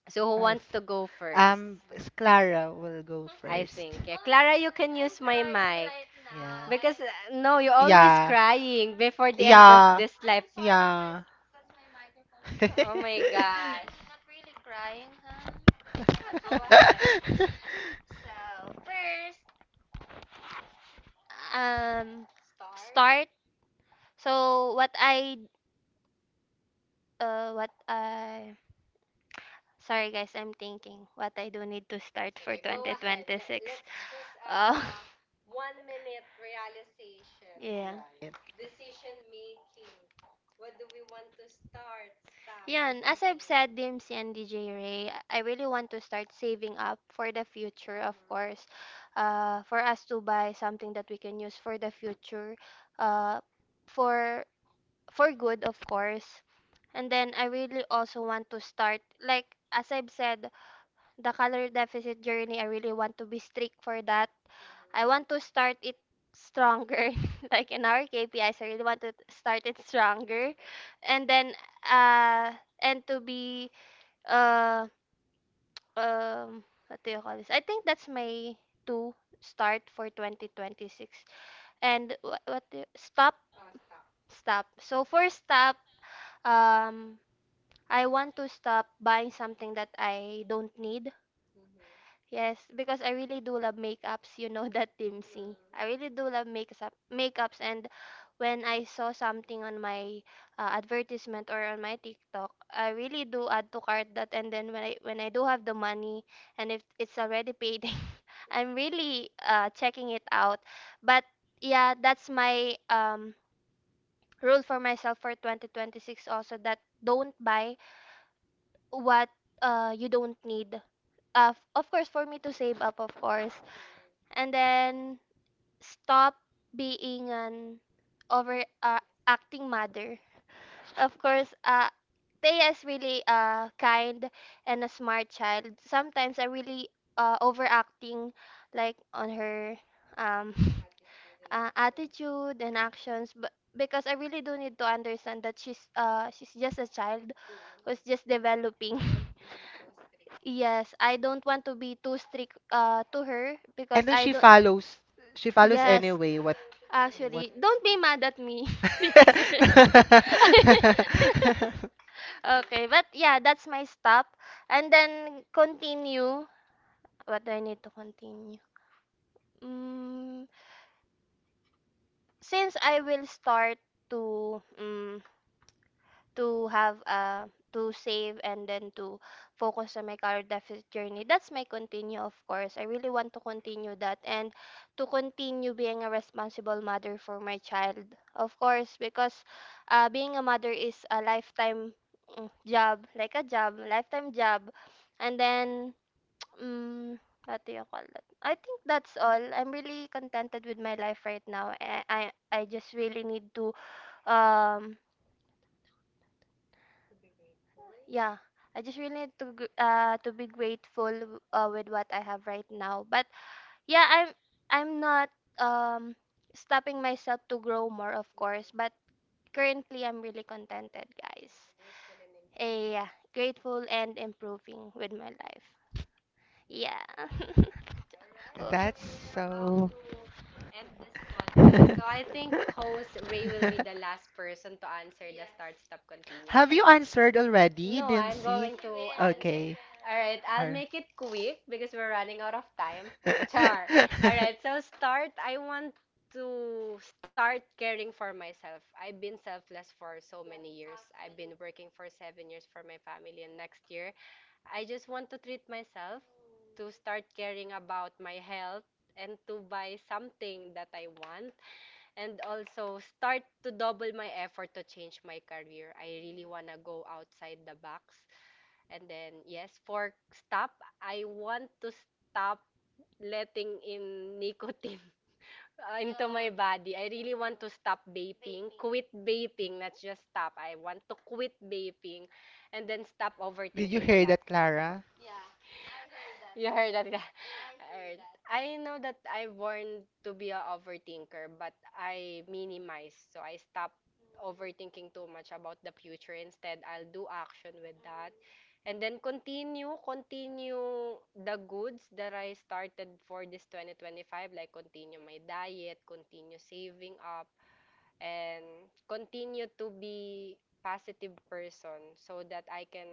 Speaker 2: So who
Speaker 1: Nice.
Speaker 2: wants to go?
Speaker 1: Um, s- Clara will go
Speaker 2: I
Speaker 1: first.
Speaker 2: think. Yeah. Clara, you can use my mic.
Speaker 1: Yeah.
Speaker 2: Because uh, no, you're
Speaker 1: Yeah.
Speaker 2: crying before the
Speaker 1: Yeah.
Speaker 2: this life.
Speaker 1: Yeah.
Speaker 2: Gosh. Crying, huh?
Speaker 1: Yeah.
Speaker 2: So first, um, start. So what I, uh, what I, sorry guys, I'm thinking what I do need to start twenty twenty-six. Uh, yeah, and as I've said, Dims and D J Ray, I really want to start saving up for the future, of course, uh, for us to buy something that we can use for the future, uh, for for good, of course. And then I really also want to start, like, as I've said, the calorie deficit journey, I really want to be strict for that. I want to start it stronger. Like in our K P Is, I really want to t- start it stronger. And then, uh, and to be, uh, um, what do you call this? I think that's my two start for twenty twenty-six.
Speaker 3: And
Speaker 2: And what,
Speaker 3: what,
Speaker 2: what
Speaker 3: what
Speaker 2: do- stop,
Speaker 3: stop? Oh, stop. Stop,
Speaker 2: stop. So
Speaker 3: so for
Speaker 2: for stop,
Speaker 3: stop, um
Speaker 2: um,
Speaker 3: I
Speaker 2: I
Speaker 3: want
Speaker 2: want
Speaker 3: to
Speaker 2: to
Speaker 3: stop
Speaker 2: stop
Speaker 3: buying
Speaker 2: buying
Speaker 3: something
Speaker 2: something that
Speaker 3: that I
Speaker 2: I don't
Speaker 3: don't need.
Speaker 2: need.
Speaker 3: Mm-hmm. Yes,
Speaker 2: Yes,
Speaker 3: because
Speaker 2: because I
Speaker 3: I really
Speaker 2: really
Speaker 3: do
Speaker 2: do love
Speaker 3: love makeups,
Speaker 2: makeups, you
Speaker 3: you know,
Speaker 2: know that,
Speaker 3: that
Speaker 2: Tim.
Speaker 3: timsy. Mm. I
Speaker 2: I really
Speaker 3: really do
Speaker 2: do love
Speaker 3: love
Speaker 2: makeups,
Speaker 3: makeup
Speaker 2: makeups,
Speaker 3: makeups and
Speaker 2: and
Speaker 3: when
Speaker 2: when
Speaker 3: I
Speaker 2: I
Speaker 3: saw
Speaker 2: saw
Speaker 3: something
Speaker 2: something
Speaker 3: on
Speaker 2: on
Speaker 3: my
Speaker 2: my uh,
Speaker 3: uh, advertisement
Speaker 2: advertisement
Speaker 3: or
Speaker 2: or
Speaker 3: on
Speaker 2: on
Speaker 3: my
Speaker 2: my
Speaker 3: TikTok,
Speaker 2: TikTok, I
Speaker 3: I
Speaker 2: really
Speaker 3: really do
Speaker 2: do
Speaker 3: add
Speaker 2: add to
Speaker 3: to cart
Speaker 2: cart that,
Speaker 3: that, and
Speaker 2: and
Speaker 3: then
Speaker 2: then
Speaker 3: when
Speaker 2: when I
Speaker 3: i
Speaker 2: when
Speaker 3: when
Speaker 2: I
Speaker 3: i do
Speaker 2: do
Speaker 3: have
Speaker 2: have the
Speaker 3: the
Speaker 2: money
Speaker 3: money
Speaker 2: and
Speaker 3: and if
Speaker 2: if it's
Speaker 3: it's
Speaker 2: already
Speaker 3: already
Speaker 2: paid,
Speaker 3: paid, I'm
Speaker 2: I'm
Speaker 3: really
Speaker 2: really
Speaker 3: uh,
Speaker 2: uh,
Speaker 3: checking
Speaker 2: checking
Speaker 3: it
Speaker 2: it
Speaker 3: out.
Speaker 2: out.
Speaker 3: But
Speaker 2: But
Speaker 3: yeah,
Speaker 2: yeah,
Speaker 3: that's
Speaker 2: that's
Speaker 3: my
Speaker 2: my
Speaker 3: um,
Speaker 2: um, rule
Speaker 3: rule
Speaker 2: for
Speaker 3: for
Speaker 2: myself
Speaker 3: myself
Speaker 2: for
Speaker 3: for twenty twenty-six,
Speaker 2: twenty twenty-six,
Speaker 3: also
Speaker 2: also that
Speaker 3: that
Speaker 2: don't
Speaker 3: don't buy
Speaker 2: buy what
Speaker 3: what uh,
Speaker 2: uh,
Speaker 3: you
Speaker 2: you
Speaker 3: don't
Speaker 2: don't
Speaker 3: need.
Speaker 2: need. Uh,
Speaker 3: Uh,
Speaker 2: f-
Speaker 3: of
Speaker 2: of course,
Speaker 3: course,
Speaker 2: for
Speaker 3: for me
Speaker 2: me
Speaker 3: to
Speaker 2: to
Speaker 3: save
Speaker 2: save
Speaker 3: up,
Speaker 2: up, of
Speaker 3: of
Speaker 2: course.
Speaker 3: course. Mhm. And
Speaker 2: And
Speaker 3: then
Speaker 2: then stop
Speaker 3: stop being
Speaker 2: being
Speaker 3: an
Speaker 2: an
Speaker 3: over
Speaker 2: over uh,
Speaker 3: uh, acting
Speaker 2: acting
Speaker 3: mother.
Speaker 2: mother.
Speaker 3: Of
Speaker 2: Of
Speaker 3: course,
Speaker 2: course,
Speaker 3: uh,
Speaker 2: uh, Thea
Speaker 3: Thea is
Speaker 2: is
Speaker 3: really
Speaker 2: really
Speaker 3: uh,
Speaker 2: uh,
Speaker 3: kind
Speaker 2: kind
Speaker 3: and
Speaker 2: and a
Speaker 3: a smart
Speaker 2: smart
Speaker 3: child.
Speaker 2: child.
Speaker 3: Sometimes
Speaker 2: Sometimes I
Speaker 3: I'm
Speaker 2: really
Speaker 3: really
Speaker 2: uh,
Speaker 3: uh, overacting,
Speaker 2: overacting like
Speaker 3: like on
Speaker 2: on
Speaker 3: her
Speaker 2: her
Speaker 3: um,
Speaker 2: um,
Speaker 3: Attitude and uh, actions. attitude
Speaker 2: attitude
Speaker 3: and
Speaker 2: and
Speaker 3: actions,
Speaker 2: actions, but
Speaker 3: but because
Speaker 2: because I
Speaker 3: I
Speaker 2: really
Speaker 3: really do
Speaker 2: do
Speaker 3: need
Speaker 2: need to
Speaker 3: to understand
Speaker 2: understand
Speaker 3: that
Speaker 2: that
Speaker 3: she's
Speaker 2: she's
Speaker 3: uh,
Speaker 2: uh,
Speaker 3: she's
Speaker 2: she's
Speaker 3: just
Speaker 2: just a
Speaker 3: a child
Speaker 2: child
Speaker 3: who's mm
Speaker 2: who's
Speaker 3: just
Speaker 2: just
Speaker 3: developing.
Speaker 2: developing.
Speaker 3: Don't be too strict. Yes,
Speaker 2: Yes, I
Speaker 3: I don't
Speaker 2: don't
Speaker 3: want
Speaker 2: want
Speaker 3: to
Speaker 2: to be
Speaker 3: be too
Speaker 2: too strict
Speaker 3: strict
Speaker 2: uh,
Speaker 3: uh, to
Speaker 2: to
Speaker 3: her
Speaker 2: her because
Speaker 3: because, and
Speaker 1: And then
Speaker 3: then I
Speaker 2: I,
Speaker 1: she
Speaker 3: she do. Follows.
Speaker 1: follows. She
Speaker 3: She follows.
Speaker 1: follows
Speaker 3: Yes, anyway,
Speaker 1: anyway.
Speaker 3: what?
Speaker 1: What?
Speaker 3: Mm, she follows, actually,
Speaker 1: What?
Speaker 3: what you don't
Speaker 2: don't
Speaker 3: do. Be
Speaker 2: be
Speaker 3: mad
Speaker 2: mad
Speaker 3: at
Speaker 2: at
Speaker 3: me.
Speaker 2: me.
Speaker 3: Yes. Okay,
Speaker 2: Okay, but
Speaker 3: but
Speaker 2: yeah,
Speaker 3: yeah, that's
Speaker 2: that's
Speaker 3: my
Speaker 2: my stop.
Speaker 3: stop. And
Speaker 2: And
Speaker 3: then
Speaker 2: then
Speaker 3: continue.
Speaker 2: continue. What
Speaker 3: What
Speaker 2: do
Speaker 3: do
Speaker 2: I
Speaker 3: I need
Speaker 2: need to
Speaker 3: to
Speaker 2: continue?
Speaker 3: continue? Mm,
Speaker 2: Mm,
Speaker 3: since
Speaker 2: since
Speaker 3: I
Speaker 2: I
Speaker 3: will
Speaker 2: will start
Speaker 3: start to
Speaker 2: to, mm,
Speaker 3: mm, to
Speaker 2: to
Speaker 3: have
Speaker 2: have
Speaker 3: uh,
Speaker 2: uh
Speaker 3: to
Speaker 2: to
Speaker 3: save
Speaker 2: save
Speaker 3: and
Speaker 2: and
Speaker 3: then
Speaker 2: then
Speaker 3: to
Speaker 2: to
Speaker 3: focus
Speaker 2: focus on
Speaker 3: on
Speaker 2: my
Speaker 3: my
Speaker 2: career
Speaker 3: career deficit
Speaker 2: deficit journey.
Speaker 3: journey. That's
Speaker 2: That's
Speaker 3: my
Speaker 2: my
Speaker 3: continue,
Speaker 2: continue, of
Speaker 3: of course.
Speaker 2: course. I
Speaker 3: I
Speaker 2: really
Speaker 3: really want
Speaker 2: want to
Speaker 3: to continue
Speaker 2: continue
Speaker 3: that
Speaker 2: that
Speaker 3: and
Speaker 2: and
Speaker 3: to
Speaker 2: to
Speaker 3: continue
Speaker 2: continue
Speaker 3: being
Speaker 2: being a
Speaker 3: a responsible
Speaker 2: responsible
Speaker 3: mother
Speaker 2: mother
Speaker 3: for
Speaker 2: for my
Speaker 3: my child,
Speaker 2: child,
Speaker 3: of
Speaker 2: of
Speaker 3: course,
Speaker 2: course,
Speaker 3: because
Speaker 2: because uh,
Speaker 3: uh, being
Speaker 2: being a
Speaker 3: a mother
Speaker 2: mother
Speaker 3: is
Speaker 2: is
Speaker 3: a
Speaker 2: a
Speaker 3: lifetime
Speaker 2: lifetime, mm,
Speaker 3: mm, job,
Speaker 2: job,
Speaker 3: like
Speaker 2: like a
Speaker 3: a job,
Speaker 2: job,
Speaker 3: lifetime
Speaker 2: lifetime
Speaker 3: job.
Speaker 2: job.
Speaker 3: And
Speaker 2: And
Speaker 3: then,
Speaker 2: then,
Speaker 3: mm
Speaker 2: mm, what
Speaker 3: what
Speaker 2: do
Speaker 3: do you
Speaker 2: you call
Speaker 3: call
Speaker 2: that?
Speaker 3: that?
Speaker 2: I
Speaker 3: I
Speaker 2: think
Speaker 3: think
Speaker 2: that's
Speaker 3: that's
Speaker 2: all.
Speaker 3: all.
Speaker 2: I'm
Speaker 3: I'm
Speaker 2: really
Speaker 3: really contented
Speaker 2: contented
Speaker 3: with
Speaker 2: with
Speaker 3: my
Speaker 2: my
Speaker 3: life
Speaker 2: life right
Speaker 3: right now.
Speaker 2: now.
Speaker 3: I
Speaker 2: I
Speaker 3: I,
Speaker 2: I,
Speaker 3: I
Speaker 2: I just
Speaker 3: just
Speaker 2: really
Speaker 3: really
Speaker 2: need
Speaker 3: need
Speaker 2: to
Speaker 3: to um
Speaker 2: um
Speaker 3: to be grateful. Yeah,
Speaker 2: yeah,
Speaker 3: I
Speaker 2: I
Speaker 3: just
Speaker 2: just
Speaker 3: really
Speaker 2: really need
Speaker 3: need to
Speaker 2: to gr-
Speaker 3: gr- uh,
Speaker 2: uh
Speaker 3: to
Speaker 2: to be
Speaker 3: be
Speaker 2: grateful
Speaker 3: grateful
Speaker 2: uh,
Speaker 3: uh, with
Speaker 2: with what
Speaker 3: what
Speaker 2: I
Speaker 3: I have
Speaker 2: have right
Speaker 3: right now.
Speaker 2: now.
Speaker 3: But
Speaker 2: But
Speaker 3: yeah,
Speaker 2: yeah, I'm
Speaker 3: i'm
Speaker 2: I'm
Speaker 3: I'm
Speaker 2: not
Speaker 3: not um
Speaker 2: um stopping
Speaker 3: stopping
Speaker 2: myself
Speaker 3: myself to
Speaker 2: to grow
Speaker 3: grow
Speaker 2: more,
Speaker 3: more,
Speaker 2: of
Speaker 3: of course.
Speaker 2: course,
Speaker 3: Mm-hmm.
Speaker 2: but
Speaker 3: But Mm-hmm. currently
Speaker 2: currently I'm
Speaker 3: I'm
Speaker 2: really
Speaker 3: really
Speaker 2: contented,
Speaker 3: contented,
Speaker 2: guys.
Speaker 3: guys. Grateful and a
Speaker 2: Eh,
Speaker 3: improving.
Speaker 2: yeah,
Speaker 3: Yeah, grateful
Speaker 2: grateful
Speaker 3: and
Speaker 2: and
Speaker 3: improving
Speaker 2: improving with
Speaker 3: with
Speaker 2: my
Speaker 3: my
Speaker 2: life.
Speaker 3: life. Yeah.
Speaker 2: Yeah.
Speaker 3: All right, yeah.
Speaker 2: Oh,
Speaker 3: so
Speaker 1: That's
Speaker 3: we that's were so. About
Speaker 1: so.
Speaker 3: to
Speaker 2: end
Speaker 3: end
Speaker 2: this
Speaker 3: this
Speaker 2: podcast.
Speaker 3: podcast.
Speaker 2: So
Speaker 3: So
Speaker 2: I
Speaker 3: I
Speaker 2: think
Speaker 3: think
Speaker 2: host
Speaker 3: host
Speaker 2: Ray
Speaker 3: Ray
Speaker 2: will
Speaker 3: will
Speaker 2: be
Speaker 3: be
Speaker 2: the
Speaker 3: the
Speaker 2: last
Speaker 3: last person
Speaker 2: person to
Speaker 3: to
Speaker 2: answer
Speaker 3: answer the
Speaker 2: the
Speaker 3: Yes.
Speaker 2: start,
Speaker 3: start,
Speaker 2: stop,
Speaker 3: stop, continue.
Speaker 2: continue.
Speaker 3: Have
Speaker 1: Have
Speaker 2: Okay.
Speaker 3: you
Speaker 1: you
Speaker 3: answered
Speaker 1: answered
Speaker 3: already?
Speaker 1: already?
Speaker 2: No,
Speaker 3: No, Did-
Speaker 1: Didn't
Speaker 2: I'm
Speaker 3: I'm Yes,
Speaker 1: see?
Speaker 2: going
Speaker 3: going She to.
Speaker 2: to
Speaker 3: Will.
Speaker 2: answer.
Speaker 3: Okay. She
Speaker 1: Okay.
Speaker 3: will.
Speaker 2: All
Speaker 3: All
Speaker 2: right,
Speaker 3: right, will.
Speaker 2: I'll
Speaker 3: I'll
Speaker 1: Ar-
Speaker 2: make
Speaker 3: make
Speaker 2: it
Speaker 3: it
Speaker 2: quick
Speaker 3: quick
Speaker 2: because
Speaker 3: because
Speaker 2: we're
Speaker 3: we're
Speaker 2: running
Speaker 3: running
Speaker 2: out
Speaker 3: out
Speaker 2: of
Speaker 3: of time.
Speaker 2: time. Char.
Speaker 3: Char. All
Speaker 2: All right,
Speaker 3: right, so
Speaker 2: so start.
Speaker 3: start.
Speaker 2: I
Speaker 3: I
Speaker 2: want
Speaker 3: want to
Speaker 2: to start
Speaker 3: start
Speaker 2: caring
Speaker 3: caring
Speaker 2: for
Speaker 3: for
Speaker 2: myself.
Speaker 3: myself. I've
Speaker 2: I've
Speaker 3: been
Speaker 2: been
Speaker 3: selfless
Speaker 2: selfless
Speaker 3: for
Speaker 2: for
Speaker 3: so
Speaker 2: so
Speaker 3: Yeah,
Speaker 2: many
Speaker 3: many years.
Speaker 2: years.
Speaker 3: I've been
Speaker 2: I've been
Speaker 3: actually.
Speaker 2: working
Speaker 3: Working
Speaker 2: for
Speaker 3: for seven
Speaker 2: seven
Speaker 3: years
Speaker 2: years for
Speaker 3: for
Speaker 2: my
Speaker 3: my
Speaker 2: family,
Speaker 3: family, and
Speaker 2: and
Speaker 3: next
Speaker 2: next
Speaker 3: year
Speaker 2: year,
Speaker 3: I
Speaker 2: I
Speaker 3: just
Speaker 2: just
Speaker 3: want
Speaker 2: want
Speaker 3: to
Speaker 2: to
Speaker 3: treat
Speaker 2: treat
Speaker 3: myself,
Speaker 2: myself
Speaker 3: mm. To
Speaker 2: to
Speaker 3: start
Speaker 2: start
Speaker 3: caring
Speaker 2: caring about
Speaker 3: about my
Speaker 2: my
Speaker 3: health,
Speaker 2: health
Speaker 3: and
Speaker 2: and
Speaker 3: to
Speaker 2: to buy
Speaker 3: buy something
Speaker 2: something that
Speaker 3: that I
Speaker 2: I
Speaker 3: want,
Speaker 2: want,
Speaker 3: and
Speaker 2: and
Speaker 3: also
Speaker 2: also start
Speaker 3: start
Speaker 2: to
Speaker 3: to
Speaker 2: double
Speaker 3: double
Speaker 2: my
Speaker 3: my effort
Speaker 2: effort
Speaker 3: to
Speaker 2: to
Speaker 3: change
Speaker 2: change
Speaker 3: my
Speaker 2: my
Speaker 3: career.
Speaker 2: career.
Speaker 3: I
Speaker 2: I really
Speaker 3: really want
Speaker 2: want to
Speaker 3: to go
Speaker 2: go
Speaker 3: outside
Speaker 2: outside the
Speaker 3: the box.
Speaker 2: box.
Speaker 3: And
Speaker 2: And
Speaker 3: then,
Speaker 2: then,
Speaker 3: yes,
Speaker 2: yes, for
Speaker 3: for
Speaker 2: stop,
Speaker 3: stop, I
Speaker 2: I
Speaker 3: want
Speaker 2: want
Speaker 3: to
Speaker 2: to stop
Speaker 3: stop letting
Speaker 2: letting
Speaker 3: in
Speaker 2: in nicotine
Speaker 3: nicotine
Speaker 2: uh,
Speaker 3: uh,
Speaker 2: into
Speaker 3: into Yeah. my
Speaker 2: my
Speaker 3: body.
Speaker 2: body. I
Speaker 3: I
Speaker 2: really
Speaker 3: really Yeah. want
Speaker 2: want
Speaker 3: to
Speaker 2: to
Speaker 3: stop
Speaker 2: stop
Speaker 3: vaping,
Speaker 2: vaping,
Speaker 3: Vaping.
Speaker 2: quit
Speaker 3: Quit
Speaker 2: vaping,
Speaker 3: vaping,
Speaker 2: not
Speaker 3: not
Speaker 2: just
Speaker 3: just
Speaker 2: stop.
Speaker 3: stop.
Speaker 2: I
Speaker 3: I
Speaker 2: want
Speaker 3: want
Speaker 2: to
Speaker 3: to
Speaker 2: quit
Speaker 3: quit
Speaker 2: vaping
Speaker 3: vaping and
Speaker 2: and then
Speaker 3: then
Speaker 2: stop
Speaker 3: stop
Speaker 1: Did
Speaker 3: overthinking.
Speaker 1: you
Speaker 3: Did you
Speaker 2: overthinking a
Speaker 3: hear a
Speaker 1: hear
Speaker 3: hear
Speaker 2: lot.
Speaker 3: lot.
Speaker 1: that,
Speaker 3: That, Clara?
Speaker 1: Clara?
Speaker 3: Yeah. I heard that.
Speaker 2: You
Speaker 3: You
Speaker 2: heard
Speaker 3: heard that?
Speaker 2: that? Yeah.
Speaker 3: I heard
Speaker 2: Alright.
Speaker 3: that.
Speaker 2: I
Speaker 3: I know
Speaker 2: know
Speaker 3: that
Speaker 2: that I
Speaker 3: I'm born
Speaker 2: born
Speaker 3: to
Speaker 2: to be
Speaker 3: be
Speaker 2: a
Speaker 3: a
Speaker 2: overthinker,
Speaker 3: overthinker,
Speaker 2: but
Speaker 3: but
Speaker 2: I
Speaker 3: I minimize.
Speaker 2: minimize. So
Speaker 3: So
Speaker 2: I
Speaker 3: I
Speaker 2: stop
Speaker 3: stop Mm. overthinking
Speaker 2: overthinking too
Speaker 3: too
Speaker 2: much
Speaker 3: much
Speaker 2: about
Speaker 3: about the
Speaker 2: the future.
Speaker 3: future. Instead,
Speaker 2: Instead, I'll
Speaker 3: I'll
Speaker 2: do
Speaker 3: do
Speaker 2: action
Speaker 3: action with
Speaker 2: with
Speaker 3: Mm.
Speaker 2: that.
Speaker 3: that. Mm. And
Speaker 2: And
Speaker 3: then
Speaker 2: then
Speaker 3: continue,
Speaker 2: continue,
Speaker 3: continue
Speaker 2: continue
Speaker 3: the
Speaker 2: the
Speaker 3: goods
Speaker 2: goods that
Speaker 3: that
Speaker 2: I
Speaker 3: I started
Speaker 2: started for
Speaker 3: for this
Speaker 2: this twenty twenty-five,
Speaker 3: twenty twenty-five,
Speaker 2: like
Speaker 3: like continue
Speaker 2: continue my
Speaker 3: my
Speaker 2: diet,
Speaker 3: diet,
Speaker 2: continue
Speaker 3: continue
Speaker 2: saving
Speaker 3: saving
Speaker 2: up,
Speaker 3: up,
Speaker 2: and
Speaker 3: and
Speaker 2: continue
Speaker 3: continue to
Speaker 2: to be
Speaker 3: be
Speaker 2: positive
Speaker 3: positive
Speaker 2: person
Speaker 3: person
Speaker 2: so
Speaker 3: so
Speaker 2: that
Speaker 3: that
Speaker 2: I
Speaker 3: I
Speaker 2: can
Speaker 3: can